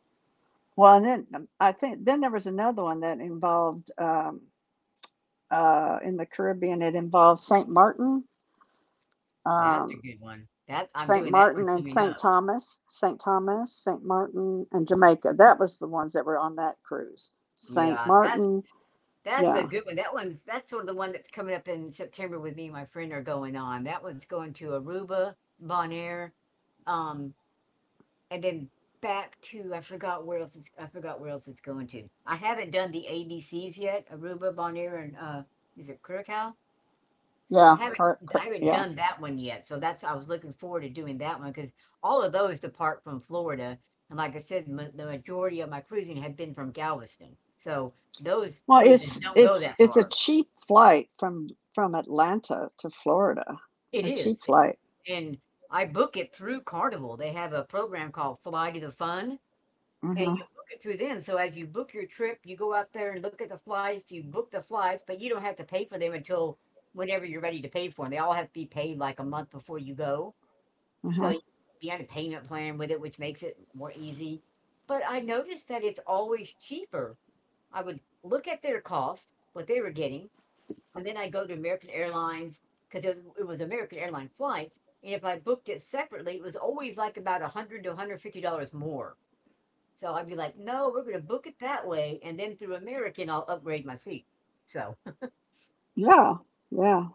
Speaker 1: well, and then I think then there was another one that involved in the Caribbean. It involved Saint Martin.
Speaker 2: that's a
Speaker 1: Um,
Speaker 2: good one. That I'm
Speaker 1: St.
Speaker 2: doing that one
Speaker 1: Martin and
Speaker 2: coming
Speaker 1: St.
Speaker 2: up.
Speaker 1: Thomas, St. Thomas, St. Martin, and Jamaica. That was the ones that were on that cruise. St.
Speaker 2: Yeah,
Speaker 1: Martin,
Speaker 2: that's the
Speaker 1: yeah,
Speaker 2: good one. That one's that's sort of the one that's coming up in September with me and my friend are going on. That one's going to Aruba, Bonaire, um, and then back to, I forgot where else it's I forgot where else it's going to. I haven't done the ABCs yet, Aruba, Bonaire, and is it Curacao? I
Speaker 1: yeah,
Speaker 2: haven't
Speaker 1: cor-
Speaker 2: I
Speaker 1: cor-
Speaker 2: haven't
Speaker 1: Yeah.
Speaker 2: done that one yet, so that's, I was looking forward to doing that one because all of those depart from Florida, and like I said, the majority of my cruising had been from Galveston, so those
Speaker 1: Well,
Speaker 2: cruises
Speaker 1: it's
Speaker 2: don't go
Speaker 1: it's
Speaker 2: that
Speaker 1: it's a
Speaker 2: far.
Speaker 1: cheap flight from Atlanta to Florida.
Speaker 2: It
Speaker 1: A
Speaker 2: is,
Speaker 1: cheap flight.
Speaker 2: and I book it through Carnival. They have a program called Fly to the Fun.
Speaker 1: Uh
Speaker 2: And you
Speaker 1: huh.
Speaker 2: book it through them, so as you book your trip, you go out there and look at the flights, you book the flights, but you don't have to pay for them until whenever you're ready to pay for them. They all have to be paid, like, a month before you go,
Speaker 1: Uh
Speaker 2: so
Speaker 1: huh.
Speaker 2: you be on a payment plan with it, which makes it more easy. But I noticed that it's always cheaper. I would look at their cost, what they were getting, and then I go to American Airlines 'cause it was American airline flights, and if I booked it separately, it was always, like, about $100 to $150 more. So I'd be like, no, we're going to book it that way. And then through American, I'll upgrade my seat. So,
Speaker 1: Yeah. Yeah.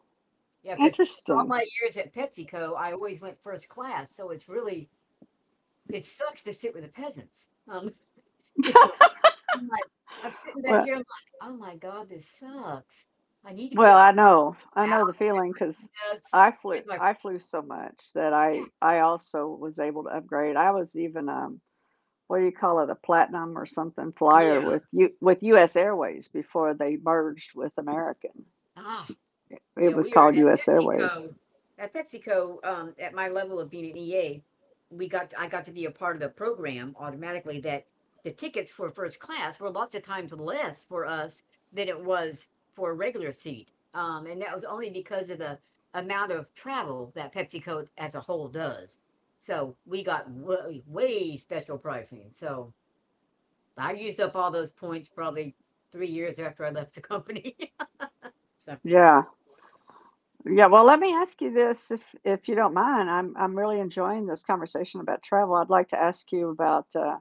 Speaker 2: yeah, because all
Speaker 1: Interesting.
Speaker 2: my years at PepsiCo, I always went first class. So it's really, it sucks to sit with the peasants. You know, I'm like, I'm sitting back
Speaker 1: Well,
Speaker 2: here. I'm like, oh my God, this sucks. I need to be a
Speaker 1: I know the feeling because
Speaker 2: peanuts. Where's my,
Speaker 1: I flew so much that
Speaker 2: yeah,
Speaker 1: I also was able to upgrade. I was even what do you call it, a platinum or something flyer
Speaker 2: yeah.
Speaker 1: with U.S. Airways before they merged with American.
Speaker 2: Ah,
Speaker 1: It
Speaker 2: yeah,
Speaker 1: was
Speaker 2: we were
Speaker 1: called
Speaker 2: at
Speaker 1: U.S. Airways.
Speaker 2: PepsiCo at my level of being an EA, we got I got to be a part of the program automatically that the tickets for first class were lots of times less for us than it was for a regular seat, and that was only because of the amount of travel that PepsiCo as a whole does. So, we got way, way special pricing, so I used up all those points probably 3 years after I left the company, so.
Speaker 1: Yeah, yeah. Well, let me ask you this, if you don't mind. I'm really enjoying this conversation about travel. I'd like to ask you about uh,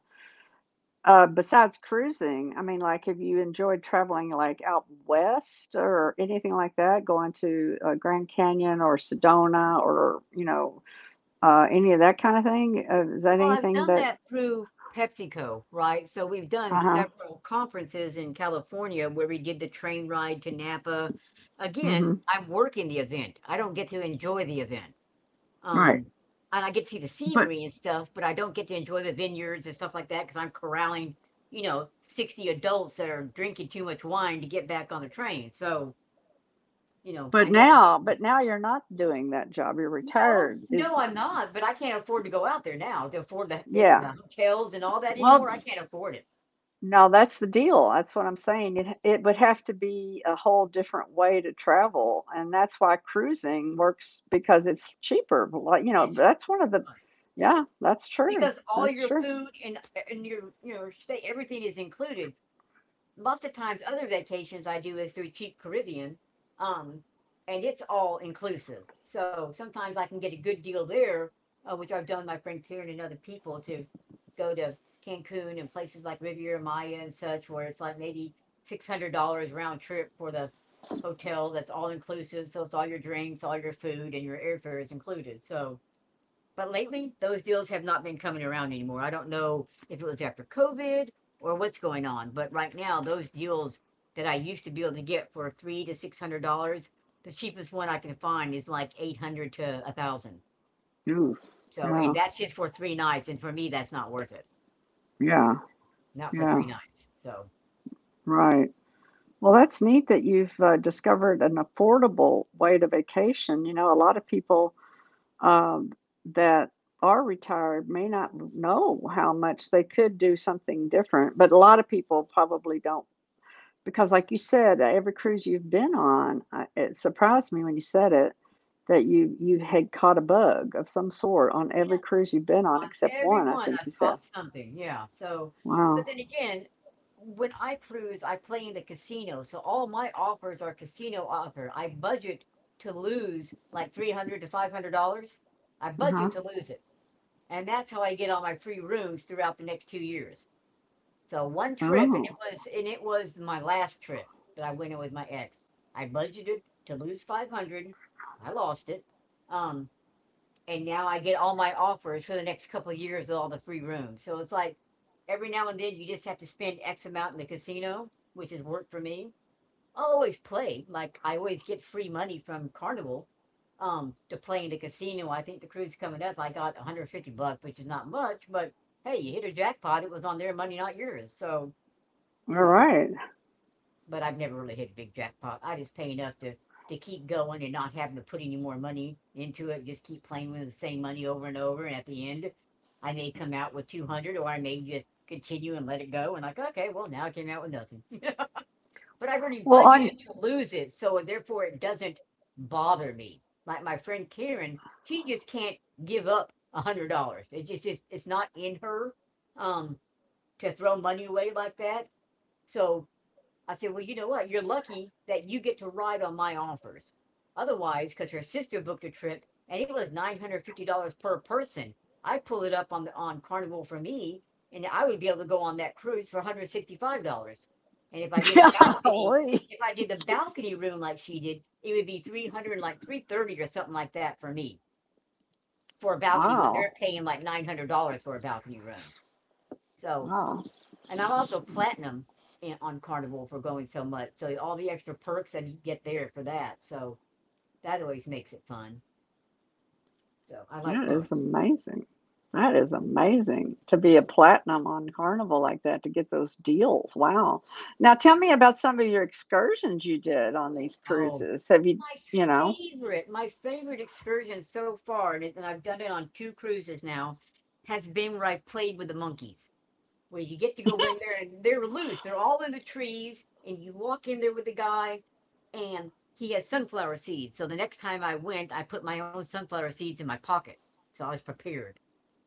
Speaker 1: uh, besides cruising. I mean, like, have you enjoyed traveling like out west or anything like that? Going to Grand Canyon or Sedona or you know any of that kind of thing? Is that
Speaker 2: Well, I've
Speaker 1: anything
Speaker 2: done
Speaker 1: that?
Speaker 2: that through PepsiCo, right? So we've done
Speaker 1: Uh huh.
Speaker 2: several conferences in California where we did the train ride to Napa. Again,
Speaker 1: Mhm.
Speaker 2: I'm working the event. I don't get to enjoy the event.
Speaker 1: Right.
Speaker 2: Um, and I get to see the
Speaker 1: But
Speaker 2: scenery and stuff, but I don't get to enjoy the vineyards and stuff like that because I'm corralling, 60 adults that are drinking too much wine to get back on the train. So, I never get to.
Speaker 1: but now you're not doing that job. You're
Speaker 2: No,
Speaker 1: retired.
Speaker 2: no,
Speaker 1: Is
Speaker 2: I'm not, but I can't afford to go out there now to afford the air,
Speaker 1: yeah.
Speaker 2: the hotels and all that
Speaker 1: Well,
Speaker 2: anymore. I can't afford it.
Speaker 1: no, that's the deal. That's what I'm saying. It would have to be a whole different way to travel, and that's why cruising works because it's cheaper. But like, you know,
Speaker 2: It's
Speaker 1: that's one of the
Speaker 2: fine
Speaker 1: yeah, that's true.
Speaker 2: because all
Speaker 1: That's
Speaker 2: your
Speaker 1: true.
Speaker 2: food and your, stay, everything is included. Most of times other vacations I do is through Cheap Caribbean, um, and it's all inclusive. So sometimes I can get a good deal there, which I've done with my friend Karen and other people to go to Cancun and places like Riviera Maya and such, where it's like maybe $600 round trip for the hotel that's all inclusive. So it's all your drinks, all your food, and your airfare is included. So but lately, those deals have not been coming around anymore. I don't know if it was after COVID or what's going on, but right now, those deals that I used to be able to get for three hundred to $600, the cheapest one I can find is like eight hundred to a thousand.
Speaker 1: Oof.
Speaker 2: So, and
Speaker 1: Yeah.
Speaker 2: that's just for three nights, and for me, that's not worth it.
Speaker 1: Yeah.
Speaker 2: Not for
Speaker 1: Yeah.
Speaker 2: three nights. So,
Speaker 1: Right. Well, that's neat that you've discovered an affordable way to vacation. You know, a lot of people um, that are retired may not know how much they could do something different, but a lot of people probably don't. Because, like you said, every cruise you've been on, it surprised me when you said it that you had caught a bug of some sort on
Speaker 2: yeah.
Speaker 1: every cruise you've been on
Speaker 2: On
Speaker 1: except
Speaker 2: every
Speaker 1: one. I
Speaker 2: one,
Speaker 1: think
Speaker 2: I've
Speaker 1: you said.
Speaker 2: caught something, yeah, so but
Speaker 1: Wow.
Speaker 2: then again, when I cruise, I play in the casino, so all my offers are casino offer. I budget to lose, like, 300 to $500. I
Speaker 1: Uh huh.
Speaker 2: budget to lose it, and that's how I get all my free rooms throughout the next 2 years. So, 1 trip, and
Speaker 1: Oh.
Speaker 2: it was my last trip that I went on with my ex. I budgeted to lose 500, I lost it, um and now I get all my offers for the next couple of years with all the free rooms. So it's like every now and then you just have to spend X amount in the casino, which has worked for me. I'll always play. Like I always get free money from Carnival to play in the casino. I think the cruise coming up, I got 150 bucks, which is not much, but hey, you hit a jackpot. It was on their money, not yours. So,
Speaker 1: All
Speaker 2: you know,
Speaker 1: right.
Speaker 2: but I've never really hit a big jackpot. I just pay enough to keep going and not having to put any more money into it. Just keep playing with the same money over and over. And at the end, I may come out with 200, or I may just continue and let it go. And like, okay, well now I came out with nothing, but I've already
Speaker 1: Well, on
Speaker 2: budgeted to lose it, so therefore it doesn't bother me. Like my friend Karen, she just can't give up $100. It just it's not in her um to throw money away like that. So I said, well, you know what? You're lucky that you get to ride on my offers. Otherwise, because her sister booked a trip and it was $950 per person, I pull it up on the on Carnival for me, and I would be able to go on that cruise for $165. And if I did a balcony,
Speaker 1: golly.
Speaker 2: if I did the balcony room like she did, it would be 300, like 330 or something like that for me for a balcony when they're
Speaker 1: Wow.
Speaker 2: paying like $900 for a balcony room. So,
Speaker 1: Wow.
Speaker 2: and I'm also platinum on Carnival for going so much. So all the extra perks that you get there for that. So that always makes it fun. So I like
Speaker 1: That is
Speaker 2: perks.
Speaker 1: amazing. That is amazing to be a platinum on Carnival like that to get those deals. Wow. Now tell me about some of your excursions you did on these
Speaker 2: Oh,
Speaker 1: cruises. Have you,
Speaker 2: my
Speaker 1: you know?
Speaker 2: my favorite excursion so far, and, and I've done it on two cruises now, has been where I've played with the monkeys. Where you get to go in there and they're loose. They're all in the trees, and you walk in there with the guy, and he has sunflower seeds. So the next time I went, I put my own sunflower seeds in my pocket. So I was prepared.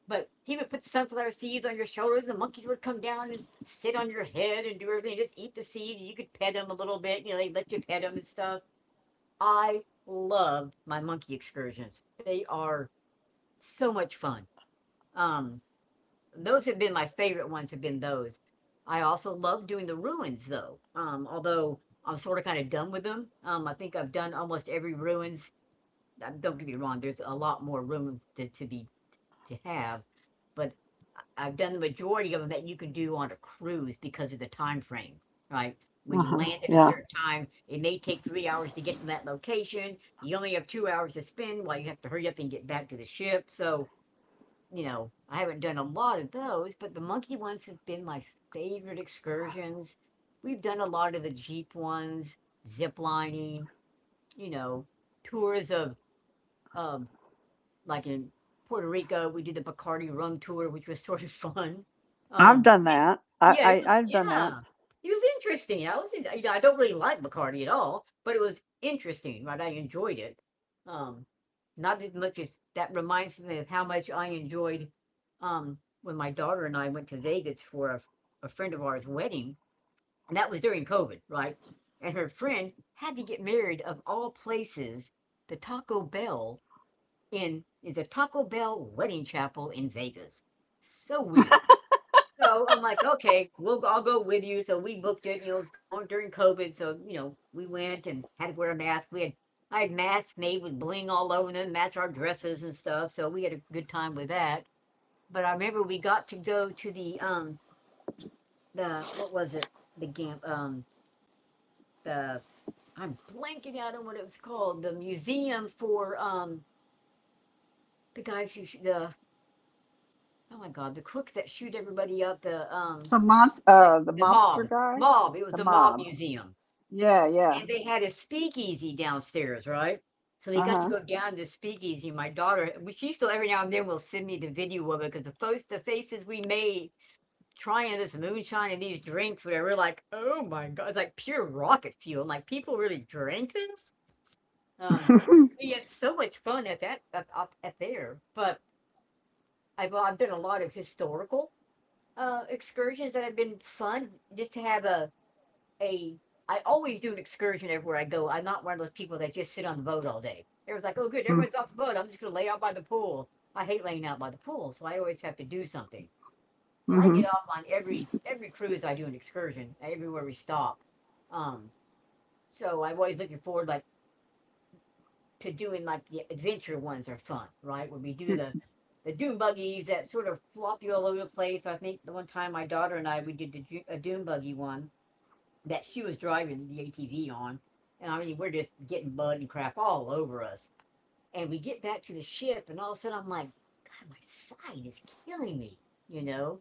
Speaker 2: But he would put sunflower seeds on your shoulders. The monkeys would come down and sit on your head and do everything. Just eat the seeds. You could pet them a little bit. You know, they let you pet them and stuff. I loved my monkey excursions. They are so much fun. Um, those have been my favorite ones. Have been those. I also love doing the ruins though. Although I'm sort of kind of done with them. I think I've done almost every ruins. Don't get me wrong. There's a lot more ruins to be to have, but have done the majority of them that you can do on a cruise because of the time frame, right? When you
Speaker 1: Uh-huh.
Speaker 2: land at a
Speaker 1: Yeah.
Speaker 2: certain time, it may take 3 hours to get to that location. You only have 2 hours to spend while you have to hurry up and get back to the ship. So, you know, I haven't done a lot of those, but the monkey ones have been my favorite excursions. We've done a lot of the jeep ones, zip lining, you know, tours of like in Puerto Rico, we did the Bacardi rum tour, which was sort of fun.
Speaker 1: I've
Speaker 2: Um,
Speaker 1: done
Speaker 2: it-
Speaker 1: that.
Speaker 2: yeah, it was,
Speaker 1: I've done that.
Speaker 2: yeah, it was interesting. I was, you know, I don't really like Bacardi at all, but it was interesting, right? I enjoyed it. Um, not as much as that reminds me of how much I enjoyed when my daughter and I went to Vegas for a friend of ours' wedding, and that was during COVID, right? And her friend had to get married of all places, the Taco Bell in is a Taco Bell wedding chapel in Vegas. So weird. So I'm like, okay, we'll I'll go with you. So we booked it. You know, it was going during COVID, so you know we went and had to wear a mask. We had I had masks made with bling all over them, match our dresses and stuff. So we had a good time with that. But I remember we got to go to the what was it, the gam the, I'm blanking out on what it was called, the museum for the guys who the, oh my god, the crooks that shoot everybody up, the
Speaker 1: So monst
Speaker 2: like
Speaker 1: The
Speaker 2: the
Speaker 1: mobster
Speaker 2: mob,
Speaker 1: guy,
Speaker 2: mob. It was
Speaker 1: the
Speaker 2: the mob
Speaker 1: mob.
Speaker 2: museum,
Speaker 1: Yeah, yeah.
Speaker 2: and they had a speakeasy downstairs, right? So they got to
Speaker 1: Uh-huh.
Speaker 2: go down to the speakeasy. My daughter, she still every now and then will send me the video of it because the folks, the faces we made trying this moonshine and these drinks, whatever, we're like, oh my god, it's like pure rocket fuel. I'm like, people really drank this. Um, we had so much fun at that up at there, but I've done a lot of historical excursions that have been fun just to have a I always do an excursion everywhere I go. I'm not one of those people that just sit on the boat all day. Everyone's like, oh good, everyone's off the boat. I'm just gonna lay out by the pool. I hate laying out by the pool, so I always have to do something. So I
Speaker 1: Mm-hmm.
Speaker 2: get off on every cruise I do an excursion, everywhere we stop. Um, so I'm always looking forward like to doing like the adventure ones are fun, right? When we do the dune buggies that sort of flop you all over the place. I think the one time my daughter and I we did a dune buggy one that she was driving the ATV on, and I mean we're just getting mud and crap all over us. And we get back to the ship, and all of a sudden I'm like, God, my side is killing me, you know.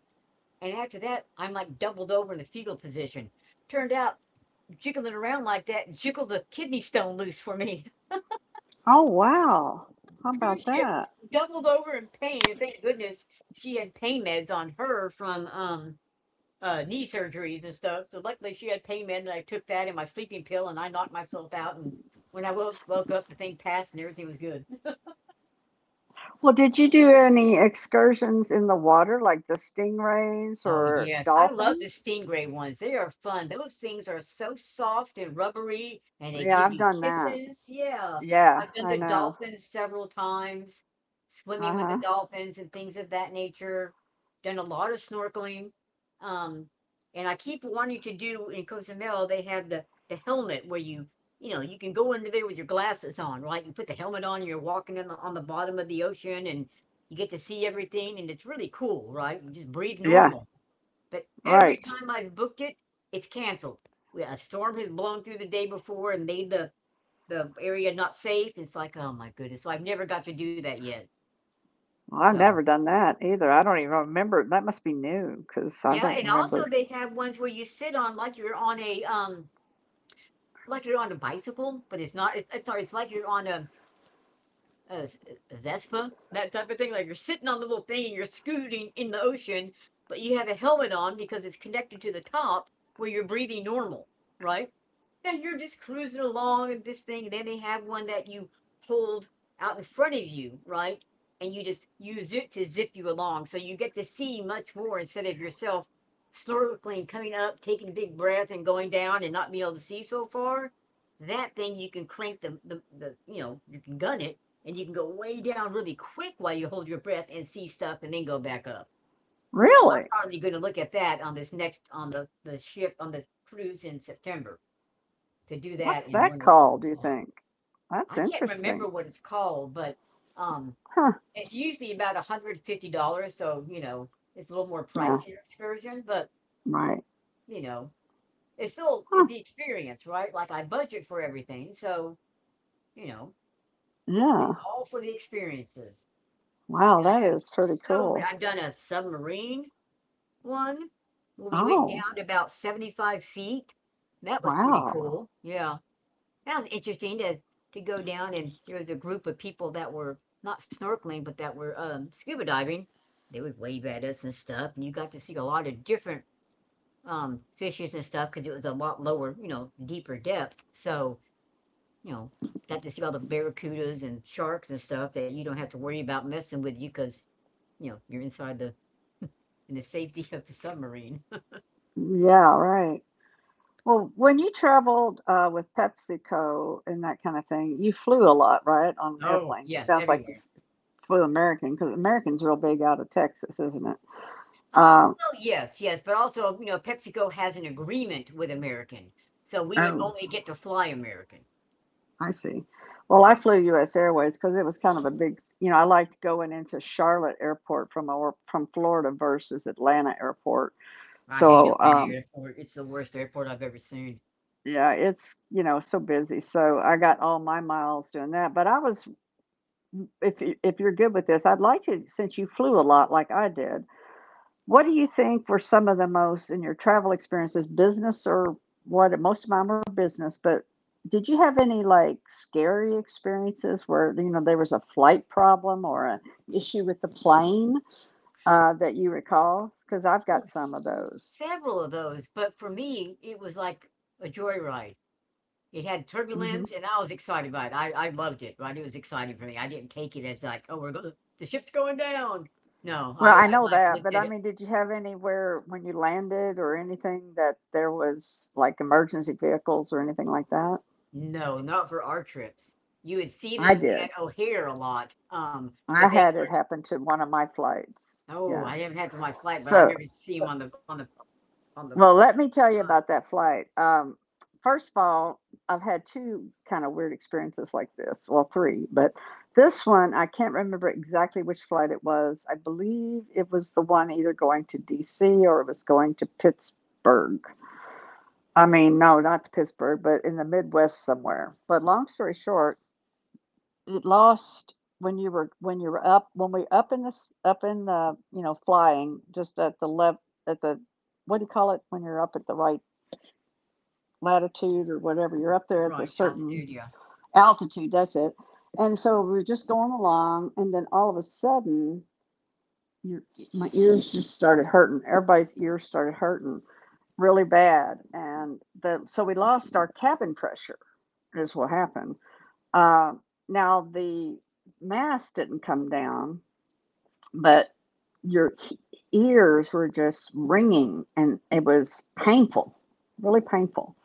Speaker 2: And after that, I'm like doubled over in the fetal position. Turned out jiggling around like that jiggled a kidney stone loose for me.
Speaker 1: Oh, wow. How
Speaker 2: Cruise
Speaker 1: about
Speaker 2: ship,
Speaker 1: that?
Speaker 2: doubled over in pain. And thank goodness she had pain meds on her from knee surgeries and stuff. So luckily she had pain med and I took that and my sleeping pill and I knocked myself out, and when I woke up the thing passed and everything was good.
Speaker 1: Well, did you do any excursions in the water like the stingrays
Speaker 2: Oh,
Speaker 1: or
Speaker 2: yes. I love the
Speaker 1: dolphins?
Speaker 2: stingray ones. They are fun. Those things are so soft and rubbery, and they
Speaker 1: Yeah,
Speaker 2: give
Speaker 1: I've
Speaker 2: you
Speaker 1: done that.
Speaker 2: kisses. Yeah.
Speaker 1: Yeah,
Speaker 2: I've done
Speaker 1: I
Speaker 2: the
Speaker 1: know.
Speaker 2: dolphins several times, swimming with the
Speaker 1: Uh-huh.
Speaker 2: dolphins and things of that nature. Done a lot of snorkeling. Um, and I keep wanting to do in Cozumel, they have the helmet where you know, you can go under there with your glasses on, right? You put the helmet on, you're walking on on the bottom of the ocean and you get to see everything, and it's really cool, right? You just breathe
Speaker 1: Yeah,
Speaker 2: normal. But every
Speaker 1: right.
Speaker 2: time I've booked it, it's canceled. We a storm has blown through the day before and made the area not safe. It's like, "Oh my goodness." So I've never got to do that yet.
Speaker 1: Well, I've
Speaker 2: So
Speaker 1: never done that either. I don't even remember. That must be new because I
Speaker 2: yeah,
Speaker 1: don't
Speaker 2: and also
Speaker 1: remember.
Speaker 2: they have ones where you sit on like you're on like you're on a bicycle, but it's not it's I sorry, it's like you're on a Vespa, that type of thing. Like you're sitting on the little thing and you're scooting in the ocean, but you have a helmet on because it's connected to the top where you're breathing normal, right? And you're just cruising along and this thing. And then they have one that you hold out in front of you, right? And you just use it to zip you along. So you get to see much more instead of yourself snorkeling, coming up, taking a big breath and going down and not being able to see so far. That thing you can crank the you know, you can gun it and you can go way down really quick while you hold your breath and see stuff and then go back up. I'm
Speaker 1: Really?
Speaker 2: probably going to look at that on this next on the ship on the cruise in September to do
Speaker 1: What's
Speaker 2: that in
Speaker 1: that
Speaker 2: one of
Speaker 1: called,
Speaker 2: the
Speaker 1: do you think? That's
Speaker 2: I can't
Speaker 1: interesting.
Speaker 2: remember what it's called, but um,
Speaker 1: Huh.
Speaker 2: it's usually about $150, so you know it's a little more
Speaker 1: Yeah,
Speaker 2: pricier excursion, but
Speaker 1: right.
Speaker 2: you know it's still
Speaker 1: Huh.
Speaker 2: the experience, right? Like I budget for everything, so you know it's
Speaker 1: Yeah.
Speaker 2: all for the experiences.
Speaker 1: Wow,
Speaker 2: And I
Speaker 1: that
Speaker 2: have
Speaker 1: is pretty
Speaker 2: so many. I've
Speaker 1: cool.
Speaker 2: done a submarine. One, where we went
Speaker 1: Oh,
Speaker 2: down to about 75 feet. That was pretty, wow,
Speaker 1: wow.
Speaker 2: cool. Yeah. That was interesting to go down and there was a group of people that were not snorkeling, but that were scuba diving. They would wave at us and stuff, and you got to see a lot of different fishes and stuff because it was a lot lower, you know, deeper depth. So, you know, got to see all the barracudas and sharks and stuff that you don't have to worry about messing with you because, you know, you're inside the in the safety of the submarine.
Speaker 1: Yeah, right. Well, when you traveled with PepsiCo and that kind of thing, you flew a lot, right? On
Speaker 2: Oh,
Speaker 1: airplanes. It
Speaker 2: yeah,
Speaker 1: sounds like you
Speaker 2: everywhere.
Speaker 1: flew American because American's real big out of Texas, isn't it?
Speaker 2: Um,
Speaker 1: Um,
Speaker 2: well, yes, yes, but also, you know, PepsiCo has an agreement with American, so we would
Speaker 1: oh,
Speaker 2: only get to fly American.
Speaker 1: I see. Well, I
Speaker 2: So
Speaker 1: flew U.S. Airways because it was kind of a big, you know, I liked going into Charlotte Airport from from Florida versus Atlanta Airport.
Speaker 2: I hate
Speaker 1: So,
Speaker 2: Atlanta Airport. It's the worst airport I've ever seen.
Speaker 1: yeah, it's, you know, so busy. So I got all my miles doing that. But I was if if you're good with this, I'd like to since you flew a lot like I did. What do you think were some of the most in your travel experiences, business or what? Most of mine were business, but did you have any like scary experiences where, you know, there was a flight problem or an issue with the plane that you recall? Because I've
Speaker 2: Well,
Speaker 1: got some of those.
Speaker 2: several of those, but for me, it was like a joyride. It had
Speaker 1: Hmm.
Speaker 2: turbulence, and I was excited by it. I loved it, right? It was exciting for me. I didn't take it as like, oh, we're going, the ship's going down. No,
Speaker 1: Well,
Speaker 2: I,
Speaker 1: I
Speaker 2: I
Speaker 1: know
Speaker 2: like
Speaker 1: that,
Speaker 2: looked
Speaker 1: but
Speaker 2: at
Speaker 1: I
Speaker 2: it.
Speaker 1: mean, did you have anywhere when you landed or anything that there was like emergency vehicles or anything like that?
Speaker 2: No, not for our trips. You would see
Speaker 1: I
Speaker 2: them
Speaker 1: did.
Speaker 2: at O'Hare a lot, but
Speaker 1: I
Speaker 2: they
Speaker 1: had it
Speaker 2: weren't.
Speaker 1: happen to one of my flights.
Speaker 2: Oh,
Speaker 1: Yeah.
Speaker 2: I haven't had to my flight, but I
Speaker 1: So
Speaker 2: remember seeing them on the on the
Speaker 1: well, let me tell you
Speaker 2: outside.
Speaker 1: about that flight. First of all, I've had two kind of weird experiences like this. Well, three, but this one, I can't remember exactly which flight it was. I believe it was the one either going to DC or it was going to Pittsburgh. I mean, no, not to Pittsburgh, but in the Midwest somewhere. But long story short, it lost when you were up when we up in this up in the you know flying just at the left at the what do you call it when you're up at the latitude or whatever. You're up there at a
Speaker 2: Right,
Speaker 1: certain
Speaker 2: altitude, yeah.
Speaker 1: altitude. That's it. And so we're just going along, and then all of a sudden, your my ears just started hurting. Everybody's ears started hurting really bad, and the so we lost our cabin pressure. Is what happened. Uh, now the mass didn't come down, but your ears were just ringing, and it was painful, really painful.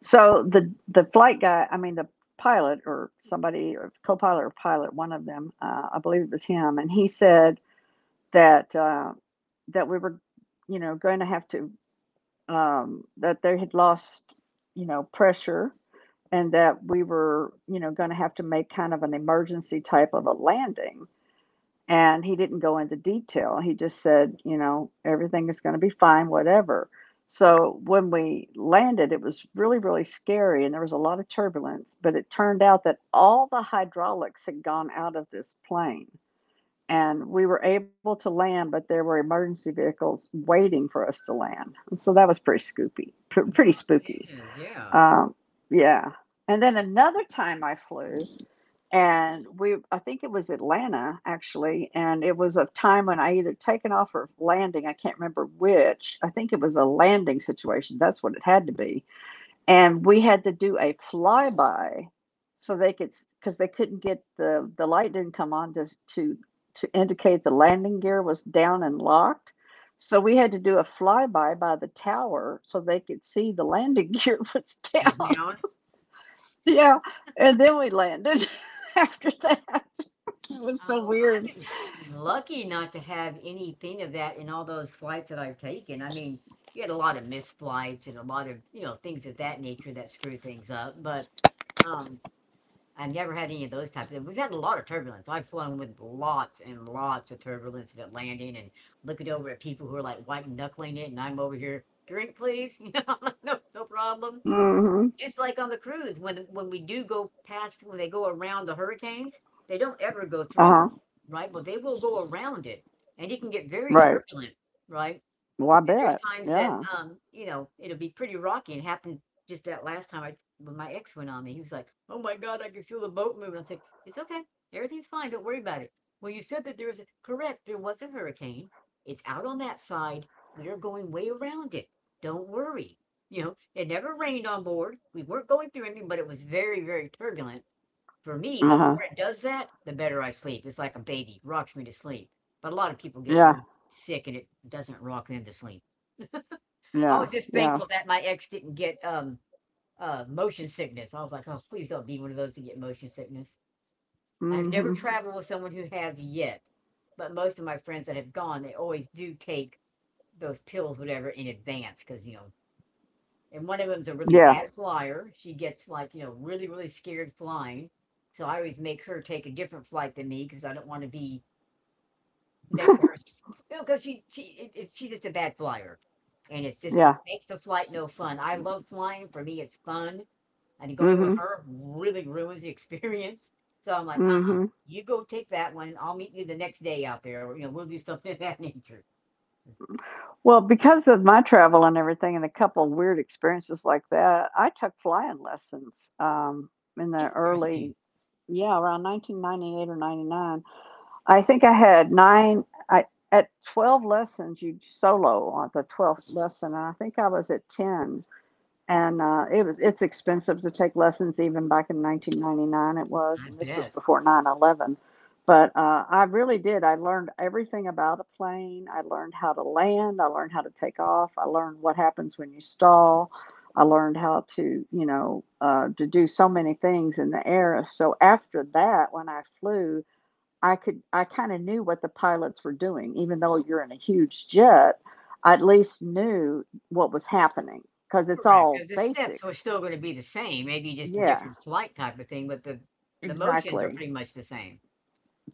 Speaker 1: So the flight guy, I mean the pilot or somebody or co-pilot or pilot, one of them, I believe it was him, and he said that that we were, you know, going to have to that they had lost, you know, pressure, and that we were, you know, going to have to make kind of an emergency type of a landing. And he didn't go into detail. He just said, you know, everything is going to be fine, whatever. So when we landed, it was really, really scary and there was a lot of turbulence. But it turned out that all the hydraulics had gone out of this plane and we were able to land, but there were emergency vehicles waiting for us to land. And so that was pretty spooky,
Speaker 2: I know
Speaker 1: pretty
Speaker 2: how
Speaker 1: spooky.
Speaker 2: that is, yeah.
Speaker 1: Um, yeah. And then another time I flew, and we I think it was Atlanta actually, and it was a time when I either taken off or landing, I can't remember which. I think it was a landing situation. That's what it had to be, and we had to do a flyby so they could because they couldn't get the light didn't come on to to indicate the landing gear was down and locked. So we had to do a flyby by the tower so they could see the landing gear was
Speaker 2: Was
Speaker 1: down.
Speaker 2: down.
Speaker 1: Yeah, and then we landed after that. It was so
Speaker 2: Oh, I've
Speaker 1: weird.
Speaker 2: been lucky not to have anything of that in all those flights that I've taken. I mean, you had a lot of missed flights and a lot of, you know, things of that nature that screwed things up, but, um I never had any of those types of. We've had a lot of turbulence. I've flown with lots and lots of turbulence at landing and looking over at people who are like white knuckling it, and I'm over here, drink please, you know, like, no, no problem.
Speaker 1: Mm-hmm.
Speaker 2: Just like on the cruise, when we do go past, when they go around the hurricanes, they don't ever go through
Speaker 1: Uh-huh.
Speaker 2: one, right? But they will go around it, and it can get very
Speaker 1: Right.
Speaker 2: turbulent, right?
Speaker 1: Well, I
Speaker 2: There's
Speaker 1: bet.
Speaker 2: times that,
Speaker 1: Yeah.
Speaker 2: you know, it'll be pretty rocky. It happened just that last time I when my ex went on me, he was like, "Oh my god, I can feel the boat moving." I was like, "It's okay. Everything's fine. Don't worry about it." Well, you said that there was a correct, there was a hurricane. It's out on that side. We are going way around it. Don't worry. You know, it never rained on board. We weren't going through anything, but it was very, very turbulent. For me, the more
Speaker 1: Uh-huh.
Speaker 2: it does that, the better I sleep. It's like a baby, rocks me to sleep. But a lot of people get
Speaker 1: Yeah.
Speaker 2: really sick and it doesn't rock them to sleep. I
Speaker 1: Yeah.
Speaker 2: was just
Speaker 1: Yeah.
Speaker 2: thankful that my ex didn't get, motion sickness. I was like, "Oh, please don't be one of those to get motion sickness." I've never
Speaker 1: Mm-hmm.
Speaker 2: traveled with someone who has yet, but most of my friends that have gone, they always do take those pills, whatever, in advance because you know, and one of them's a really
Speaker 1: Yeah.
Speaker 2: bad flyer. She gets, like, you know, really, really scared flying, so I always make her take a different flight than me because I don't wanna be next neck, you know, because she she's just a bad flyer, and it
Speaker 1: Yeah.
Speaker 2: makes the flight no fun. I love flying. For me, it's fun, and going with
Speaker 1: Mm-hmm.
Speaker 2: her really ruins the experience. So I'm like,
Speaker 1: Mm-hmm.
Speaker 2: you go take that one. I'll meet you the next day out there. Or, you know, we'll do something of that nature. It's
Speaker 1: Well, because of my travel and everything and a couple of weird experiences like that, I took flying lessons, um, in the
Speaker 2: interesting.
Speaker 1: early yeah, around 1998 or 99. I think I had 9 I at 12 lessons you solo on the 12th lesson and I think I was at 10 and it was it's expensive to take lessons even back in 1999 it was
Speaker 2: I
Speaker 1: and this was
Speaker 2: bet.
Speaker 1: before 9-11. But I really did. I learned everything about a plane. I learned how to land. I learned how to take off. I learned what happens when you stall. I learned how to, you know, to do so many things in the air. So after that when I flew, I kind of knew what the pilots were doing, even though you're in a huge jet. I at least knew what was happening because it's
Speaker 2: Correct,
Speaker 1: all
Speaker 2: because the steps are
Speaker 1: basics.
Speaker 2: still going to be the same. Maybe just a
Speaker 1: Yeah,
Speaker 2: different flight type of thing, but the motions are
Speaker 1: exactly.
Speaker 2: pretty much the same.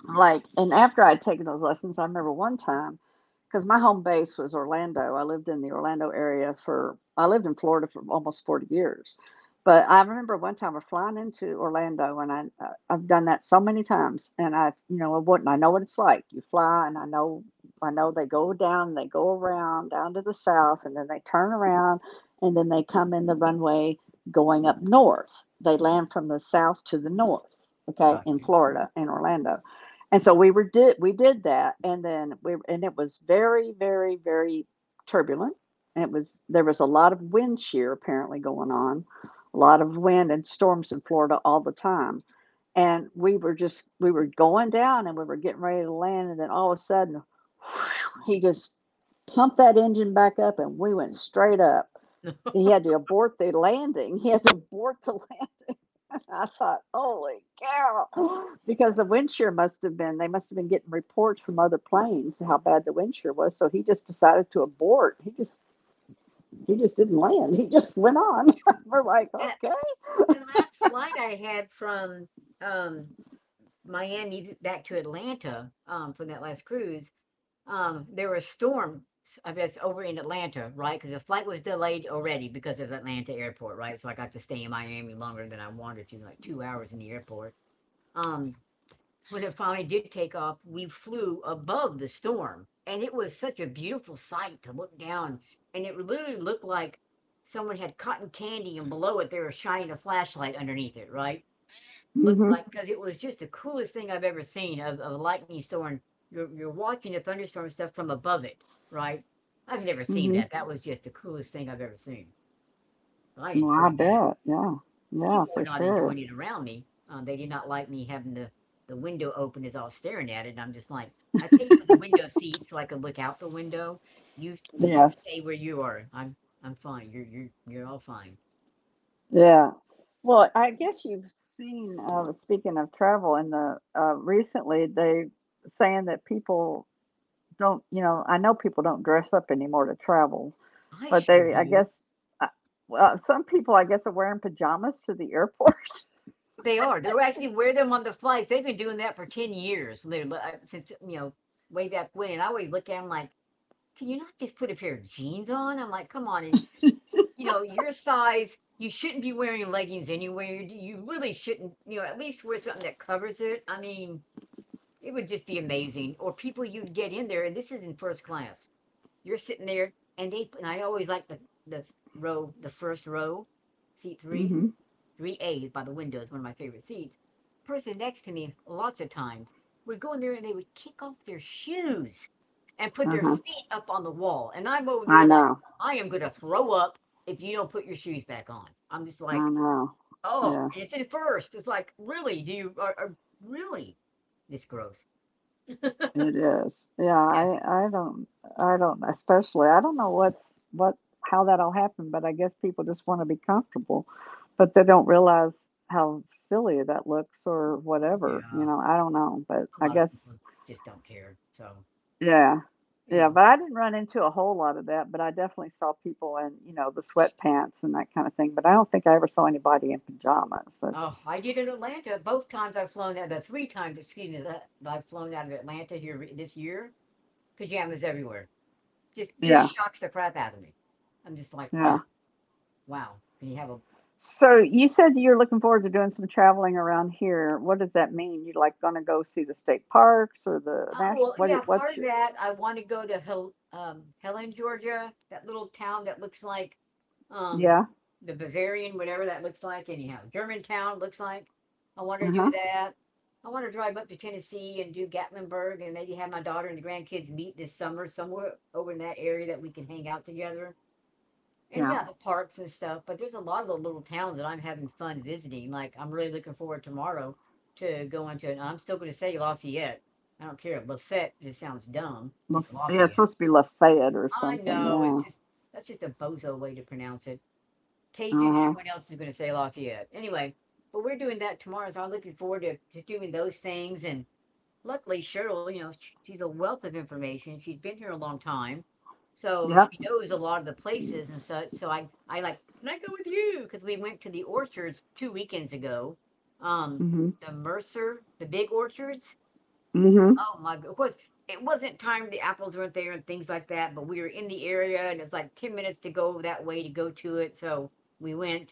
Speaker 1: And after I'd taken those lessons, I remember one time, because my home base was Orlando. I lived in the Orlando I lived in Florida for almost 40 years. But I remember one time we're flying into Orlando, and I've done that so many times, and I, you know, I wouldn't. I know what it's like. You fly, and I know they go down, they go around down to the south, and then they turn around, and then they come in the runway going up north. They land from the south to the north, okay,
Speaker 2: Got
Speaker 1: in
Speaker 2: you.
Speaker 1: Florida, in Orlando. And we did that, and then we and it was very turbulent. And It was there was a lot of wind shear apparently going on, a lot of wind and storms in Florida all the time. And we were going down and we were getting ready to land, and then all of a sudden, he just pumped that engine back up, and we went straight up. He had to abort the landing. He had to abort the landing. I thought, holy cow, because the wind shear must have been, they must have been getting reports from other planes how bad the wind shear was. So he just decided to abort. He just didn't land. He just went on. We're like,
Speaker 2: That
Speaker 1: okay.
Speaker 2: the last flight I had from um Miami t back to Atlanta, from that last cruise, there was storm. I guess, over in Atlanta, right? Because the flight was delayed already because of Atlanta airport, right? So I got to stay in Miami longer than I wanted to, like 2 hours in the airport. Um, when it finally did take off, we flew above the storm, and it was such a beautiful sight to look down, and it literally looked like someone had cotton candy, and below it, they were shining a flashlight underneath it, right? Looked
Speaker 1: Mm-hmm.
Speaker 2: like because it was just the coolest thing I've ever seen of a lightning storm. You're watching a thunderstorm stuff from above it, right? I've never seen
Speaker 1: Mm-hmm.
Speaker 2: that. That was just the coolest thing I've ever seen. So I
Speaker 1: Well, I
Speaker 2: enjoyed that.
Speaker 1: bet. Yeah. Yeah,
Speaker 2: People were
Speaker 1: for
Speaker 2: not
Speaker 1: sure.
Speaker 2: enjoying it around me. They did not like me having the window open as I was staring at it. And I'm just like, I paid for the window seat so I could look out the window. You
Speaker 1: Yeah.
Speaker 2: stay where you are. I'm fine. You're all fine.
Speaker 1: Yeah. Well, I guess you've speaking of travel, in the recently they saying that people don't, you know, I know people don't dress up anymore to travel.
Speaker 2: I
Speaker 1: But
Speaker 2: sure do.
Speaker 1: uh, well, some people, I guess, are wearing pajamas to the airport.
Speaker 2: They are. They'll actually wear them on the flights. They've been doing that for 10 years, literally, since, you know, way back when. And I always look at them like, can you not just put a pair of jeans on? I'm like, come on. And, you know, your size, you shouldn't be wearing leggings anywhere. You really shouldn't, you know, at least wear something that covers it. I mean, it would just be amazing. Or people you'd get in there, and this is in first class, you're sitting there and they, and I always like the row, the first row, seat three,
Speaker 1: Hmm.
Speaker 2: three A by the window is one of my favorite seats. Person next to me lots of times would go in there and they would kick off their shoes and put their
Speaker 1: Uh-huh.
Speaker 2: feet up on the wall and I'm over
Speaker 1: I
Speaker 2: there like
Speaker 1: know.
Speaker 2: I am gonna throw up if you don't put your shoes back on. I'm just
Speaker 1: I
Speaker 2: like,
Speaker 1: know.
Speaker 2: oh,
Speaker 1: Yeah,
Speaker 2: and it's in first. It's like, really? Do you, are really this gross.
Speaker 1: it is. Yeah,
Speaker 2: Yeah, but
Speaker 1: I don't I don't especially. I don't know what's what how that'll happen, but I guess people just want to be comfortable, but they don't realize how silly that looks or whatever, you
Speaker 2: yeah.
Speaker 1: know. I don't know, but
Speaker 2: A
Speaker 1: I
Speaker 2: lot of people
Speaker 1: guess
Speaker 2: just don't care. So
Speaker 1: yeah.
Speaker 2: you
Speaker 1: Yeah,
Speaker 2: know.
Speaker 1: but I didn't run into a whole lot of that, but I definitely saw people in, you know, the sweatpants and that kind of thing, but I don't think I ever saw anybody in pajamas.
Speaker 2: Oh,
Speaker 1: That's
Speaker 2: I did in Atlanta. Both times I've flown out, the three times, excuse me, that, that I've flown out of Atlanta this year, pajamas everywhere. Just
Speaker 1: yeah,
Speaker 2: shocks the crap out of me. I'm just like,
Speaker 1: yeah.
Speaker 2: wow, wow. Can you have a
Speaker 1: So you said you're looking forward to doing some traveling around here. What does that mean? You like gonna go see the state parks or the national
Speaker 2: Well, yeah,
Speaker 1: what's
Speaker 2: part of
Speaker 1: your
Speaker 2: that, I want to go to Helen, Georgia, that little town that looks like um,
Speaker 1: yeah.
Speaker 2: the Bavarian, whatever that looks like, anyhow. Germantown looks like. I want to do
Speaker 1: Uh-huh.
Speaker 2: that. I want to drive up to Tennessee and do Gatlinburg and maybe have my daughter and the grandkids meet this summer somewhere over in that area that we can hang out together. And
Speaker 1: Yeah.
Speaker 2: yeah, the parks and stuff, but there's a lot of the little towns that I'm having fun visiting. Like I'm really looking forward tomorrow to going to, it. I'm still going to say Lafayette. I don't care. Lafayette just sounds dumb. It's
Speaker 1: Laf- yeah, it's
Speaker 2: Lafayette.
Speaker 1: supposed to be Lafayette or
Speaker 2: I
Speaker 1: something.
Speaker 2: know. It's
Speaker 1: Yeah.
Speaker 2: just that's just a bozo way to pronounce it. Cajun and
Speaker 1: Uh-huh.
Speaker 2: everyone else is going to say Lafayette. Anyway, but we're doing that tomorrow, so I'm looking forward to doing those things, and luckily Cheryl, you know, sh she's a wealth of information. She's been here a long time. So she
Speaker 1: Yep.
Speaker 2: knows a lot of the places, and so I like, "Can I go with you?" Because we went to the orchards 2 weekends ago. Um,
Speaker 1: Hmm.
Speaker 2: the Mercer, the big orchards.
Speaker 1: Hmm.
Speaker 2: Oh my go, it was it wasn't timed, the apples weren't there and things like that, but we were in the area and it was like 10 minutes to go that way to go to it, so we went,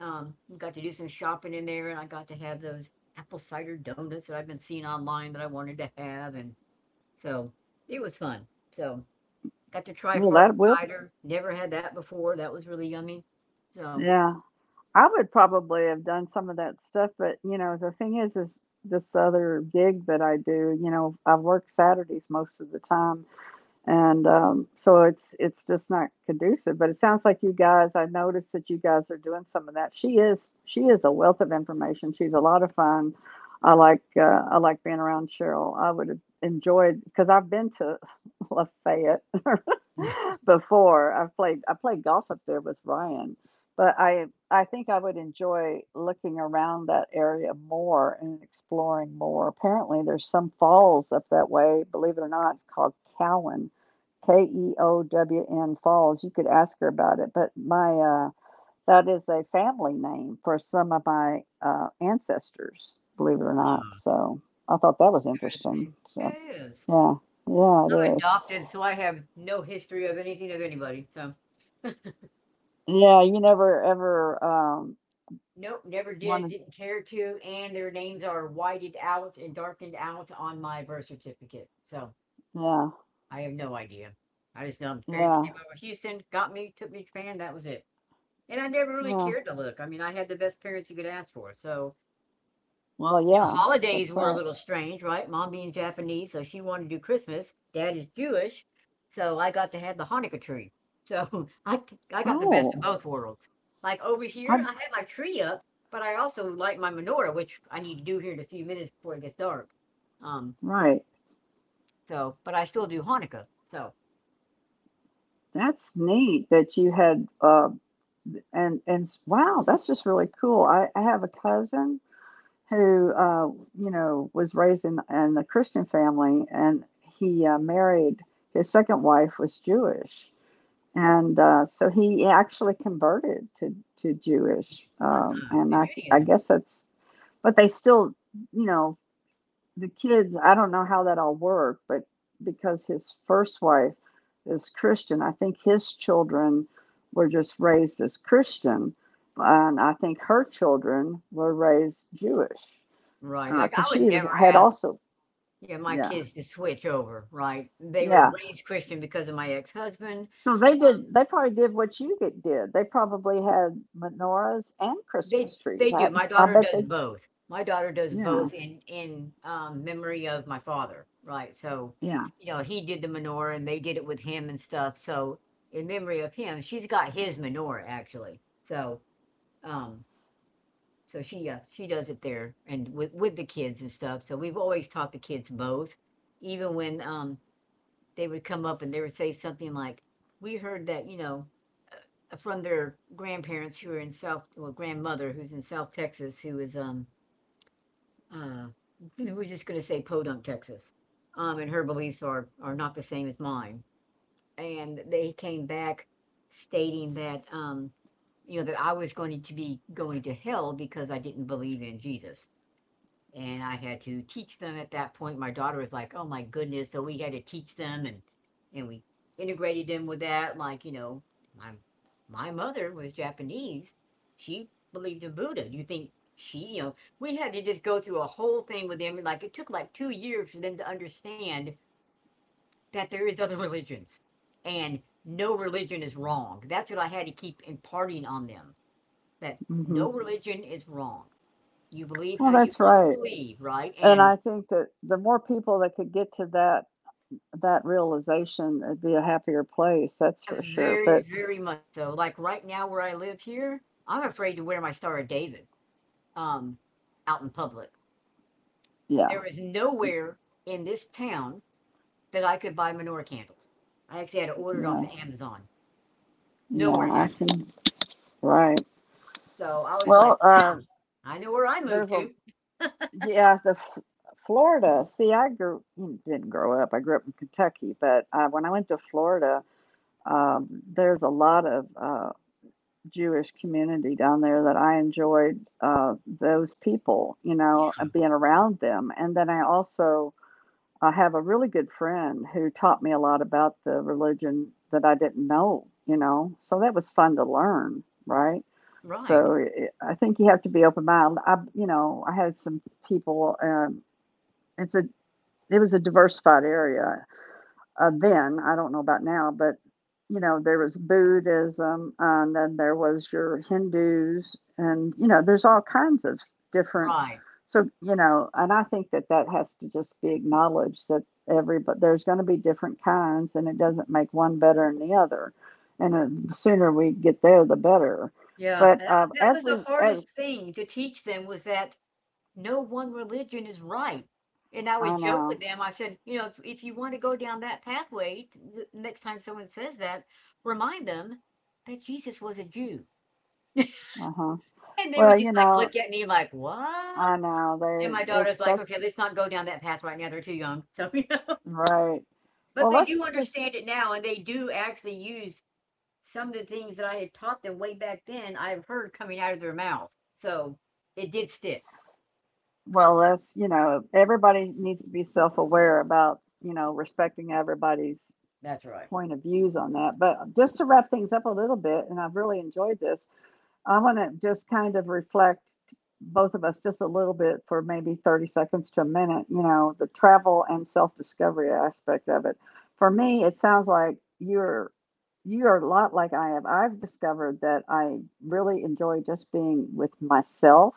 Speaker 2: we got to do some shopping in there, and I got to have those apple cider donuts that I've been seeing online that I wanted to have, and so, it was fun. So, got to try
Speaker 1: Well,
Speaker 2: hard
Speaker 1: that will.
Speaker 2: cider, never had that before, that was really yummy. So
Speaker 1: Yeah. I would probably have done some of that stuff, but, you know, the thing is this other gig that I do, you know, I work Saturdays most of the time and so it's just not conducive. But it sounds like you guys. I noticed that you guys are doing some of that. She is a wealth of information. She's a lot of fun. I like uh, I like being around Cheryl. I would have enjoyed because I've been to Lafayette
Speaker 2: yeah,
Speaker 1: before. I played golf up there with Ryan, but I think I would enjoy looking around that area more and exploring more. Apparently, there's some falls up that way. Believe it or not, it's called Cowan Keown Falls. You could ask her about it, but my that is a family name for some of my ancestors, believe it or not. So I thought that was interesting.
Speaker 2: interesting.
Speaker 1: So
Speaker 2: It is.
Speaker 1: yeah, yeah,
Speaker 2: I'm
Speaker 1: it is.
Speaker 2: adopted, so I have no history of anything of anybody, so
Speaker 1: Yeah, you never ever
Speaker 2: nope, never did,
Speaker 1: wanted.
Speaker 2: didn't care to, and their names are whited out and darkened out on my birth certificate, so
Speaker 1: Yeah,
Speaker 2: I have no idea. I just know my parents
Speaker 1: yeah,
Speaker 2: came over to Houston, got me, took me to Japan, that was it. And I never really
Speaker 1: yeah.
Speaker 2: cared to look, I mean, I had the best parents you could ask for, so
Speaker 1: Well,
Speaker 2: you know,
Speaker 1: yeah,
Speaker 2: holidays
Speaker 1: that's
Speaker 2: were a
Speaker 1: right.
Speaker 2: little strange, right? Mom being Japanese, so she wanted to do Christmas. Dad is Jewish, so I got to have the Hanukkah tree. So I got the best
Speaker 1: Oh,
Speaker 2: of both worlds. Like over
Speaker 1: I
Speaker 2: here, I had my tree up, but I also light my menorah, which I need to do here in a few minutes before it gets dark. Um,
Speaker 1: right.
Speaker 2: so, but I still do Hanukkah. So,
Speaker 1: That's neat that you had wow, that's just really cool. I have a cousin who you know was raised in a Christian family, and he married his second wife was Jewish, and so he actually converted to Jewish,
Speaker 2: ah,
Speaker 1: and
Speaker 2: the
Speaker 1: I
Speaker 2: Judaism,
Speaker 1: guess that's but they still you know the kids I don't know how that all worked, but because his first wife is Christian, I think his children were just raised as Christian. And I think her children were raised Jewish
Speaker 2: right? Like
Speaker 1: because
Speaker 2: I would
Speaker 1: she was
Speaker 2: never
Speaker 1: had
Speaker 2: ask,
Speaker 1: also
Speaker 2: you know, my
Speaker 1: yeah
Speaker 2: kids to switch over, right? They were
Speaker 1: yeah
Speaker 2: raised Christian because of my ex-husband.
Speaker 1: so they did they probably did did they probably had menorahs and Christmas trees.
Speaker 2: They
Speaker 1: I
Speaker 2: do, my
Speaker 1: i
Speaker 2: daughter
Speaker 1: bet
Speaker 2: does
Speaker 1: they
Speaker 2: both. My daughter does
Speaker 1: yeah
Speaker 2: both in, memory of my father, right, so,
Speaker 1: yeah
Speaker 2: you know, he did the menorah, and they did it with him and stuff, so, in memory of him, she's got his menorah, actually, so, um, so she does it there and with the kids and stuff, so we've always taught the kids both, even when, they would come up and they would say something like, "We heard that," you know, from their grandparents who are in South, well, grandmother who's in South Texas who is, uh, we were just going to say Podunk, Texas. And her beliefs are not the same as mine. And they came back stating that you know that I was going to be going to hell because I didn't believe in Jesus, and I had to teach them at that point. My daughter was like, "Oh my goodness!" So we had to teach them, and we integrated them with that. Like you know, my my mother was Japanese. She believed in Buddha. Do you think she? You know, we had to just go through a whole thing with them. And, like it took like 2 years for them to understand that there is other religions, and no religion is wrong. That's what I had to keep imparting on them. That
Speaker 1: hmm
Speaker 2: no religion is wrong. You believe
Speaker 1: well
Speaker 2: how you
Speaker 1: that's
Speaker 2: want to
Speaker 1: right.
Speaker 2: believe, right?
Speaker 1: And
Speaker 2: And
Speaker 1: I think that the more people that could get to that realization, it'd be a happier place, that's for sure.
Speaker 2: very,
Speaker 1: But
Speaker 2: very much so. Like right now where I live here, I'm afraid to wear my Star of David um out in public.
Speaker 1: yeah
Speaker 2: There is nowhere in this town that I could buy menorah candles. I actually had to order it off
Speaker 1: yeah
Speaker 2: of Amazon.
Speaker 1: yeah
Speaker 2: Nowhere had
Speaker 1: I
Speaker 2: it.
Speaker 1: can right
Speaker 2: So I was like,
Speaker 1: well
Speaker 2: wow, I know where I moved
Speaker 1: there's a
Speaker 2: to.
Speaker 1: yeah, the F Florida. See, I grew mm, didn't grow up. I grew up in Kentucky, but when I went to Florida, there's a lot of Jewish community down there that I enjoyed those people, you
Speaker 2: Yeah.
Speaker 1: know, and being around them. And then I also I have a really good friend who taught me a lot about the religion that I didn't know, you know. So that was fun to learn, right?
Speaker 2: Right.
Speaker 1: So it, I think you have to be open minded. You know, I had some people. It's a it was a diversified area, then, I don't know about now, but, you know, there was Buddhism, and then there was your Hindus, and, you know, there's all kinds of different
Speaker 2: Right.
Speaker 1: so, you know, and I think that that has to just be acknowledged that every but there's gonna be different kinds, and it doesn't make one better than the other, and, the sooner we get there, the better,
Speaker 2: Yeah.
Speaker 1: but,
Speaker 2: And that, that
Speaker 1: as
Speaker 2: was
Speaker 1: we
Speaker 2: the
Speaker 1: as
Speaker 2: hardest thing to teach them was that no one religion is right. And I
Speaker 1: I
Speaker 2: would joke
Speaker 1: know,
Speaker 2: with them. I said, you know, if you want to go down that pathway, the next time someone says that, remind them that Jesus was a Jew.
Speaker 1: uh-huh.
Speaker 2: And they would
Speaker 1: Well, you
Speaker 2: just like
Speaker 1: know
Speaker 2: look at me like, what?
Speaker 1: I know,
Speaker 2: And my
Speaker 1: they
Speaker 2: daughter's
Speaker 1: it's
Speaker 2: like,
Speaker 1: that's
Speaker 2: okay, let's not go down that path right now. They're too young. So, you know,
Speaker 1: right.
Speaker 2: but
Speaker 1: Well,
Speaker 2: they do
Speaker 1: let's just,
Speaker 2: understand it now. And they do actually use some of the things that I had taught them way back then, I've heard coming out of their mouth. So it did stick.
Speaker 1: well, let's, you know, everybody needs to be self-aware about, you know, respecting everybody's
Speaker 2: That's right.
Speaker 1: point of views on that. But just to wrap things up a little bit, and I've really enjoyed this, I want to just kind of reflect both of us just a little bit for maybe 30 seconds to a minute, you know, the travel and self-discovery aspect of it. For me, it sounds like you are a lot like I have. I've discovered that I really enjoy just being with myself.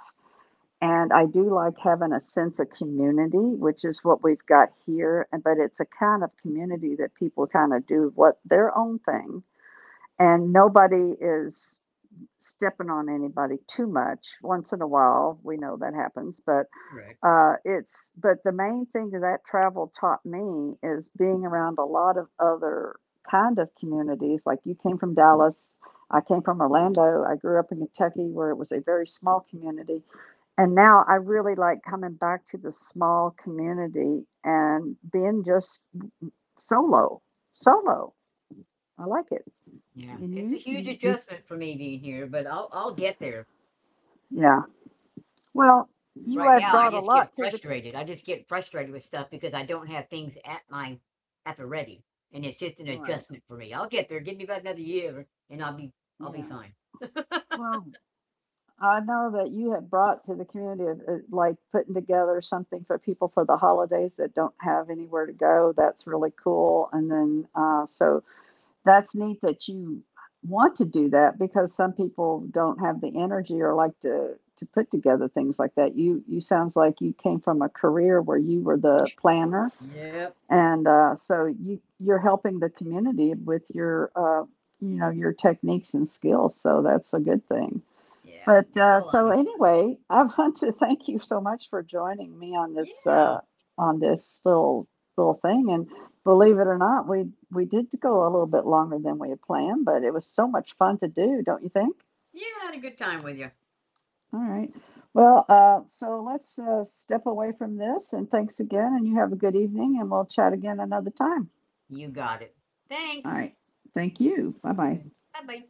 Speaker 1: And I do like having a sense of community, which is what we've got here. And But it's a kind of community that people kind of do what their own thing, and nobody is stepping on anybody too much. Once in a while, we know that happens, but
Speaker 2: Correct.
Speaker 1: it's but the main thing that travel taught me is being around a lot of other kind of communities. Like you came from Dallas, I came from Orlando. I grew up in Kentucky, where it was a very small community, and now I really like coming back to the small community and being just solo. Solo, I like it.
Speaker 2: Yeah,
Speaker 1: And
Speaker 2: it's a huge
Speaker 1: you
Speaker 2: adjustment for me being here, but I'll get there.
Speaker 1: yeah. Well, you
Speaker 2: Right
Speaker 1: have
Speaker 2: now, I
Speaker 1: brought a
Speaker 2: just
Speaker 1: lot
Speaker 2: get
Speaker 1: to the.
Speaker 2: frustrated. I just get frustrated with stuff because I don't have things at my at the ready, and it's just an
Speaker 1: Right.
Speaker 2: adjustment for me. I'll get there. Give me about another year, and I'll be
Speaker 1: Yeah.
Speaker 2: fine.
Speaker 1: Well. I know that you had brought to the community of, like putting together something for people for the holidays that don't have anywhere to go. That's really cool. And then, so that's neat that you want to do that because some people don't have the energy or like to put together things like that. You sounds like you came from a career where you were the planner,
Speaker 2: Yep.
Speaker 1: and so you you're helping the community with your you know your techniques and skills. So that's a good thing.
Speaker 2: Yeah,
Speaker 1: But
Speaker 2: it's a lot
Speaker 1: so
Speaker 2: of
Speaker 1: anyway, I want to thank you so much for joining me
Speaker 2: yeah.
Speaker 1: on this little thing. And believe it or not, we did go a little bit longer than we had planned, but it was so much fun to do, don't you think?
Speaker 2: Yeah, I had a good time with you.
Speaker 1: All right. Well, so let's step away from this. And thanks again. And you have a good evening. And we'll chat again another time.
Speaker 2: You got it.
Speaker 1: All
Speaker 2: Thanks.
Speaker 1: right. Thank you. Bye bye.
Speaker 2: Bye bye.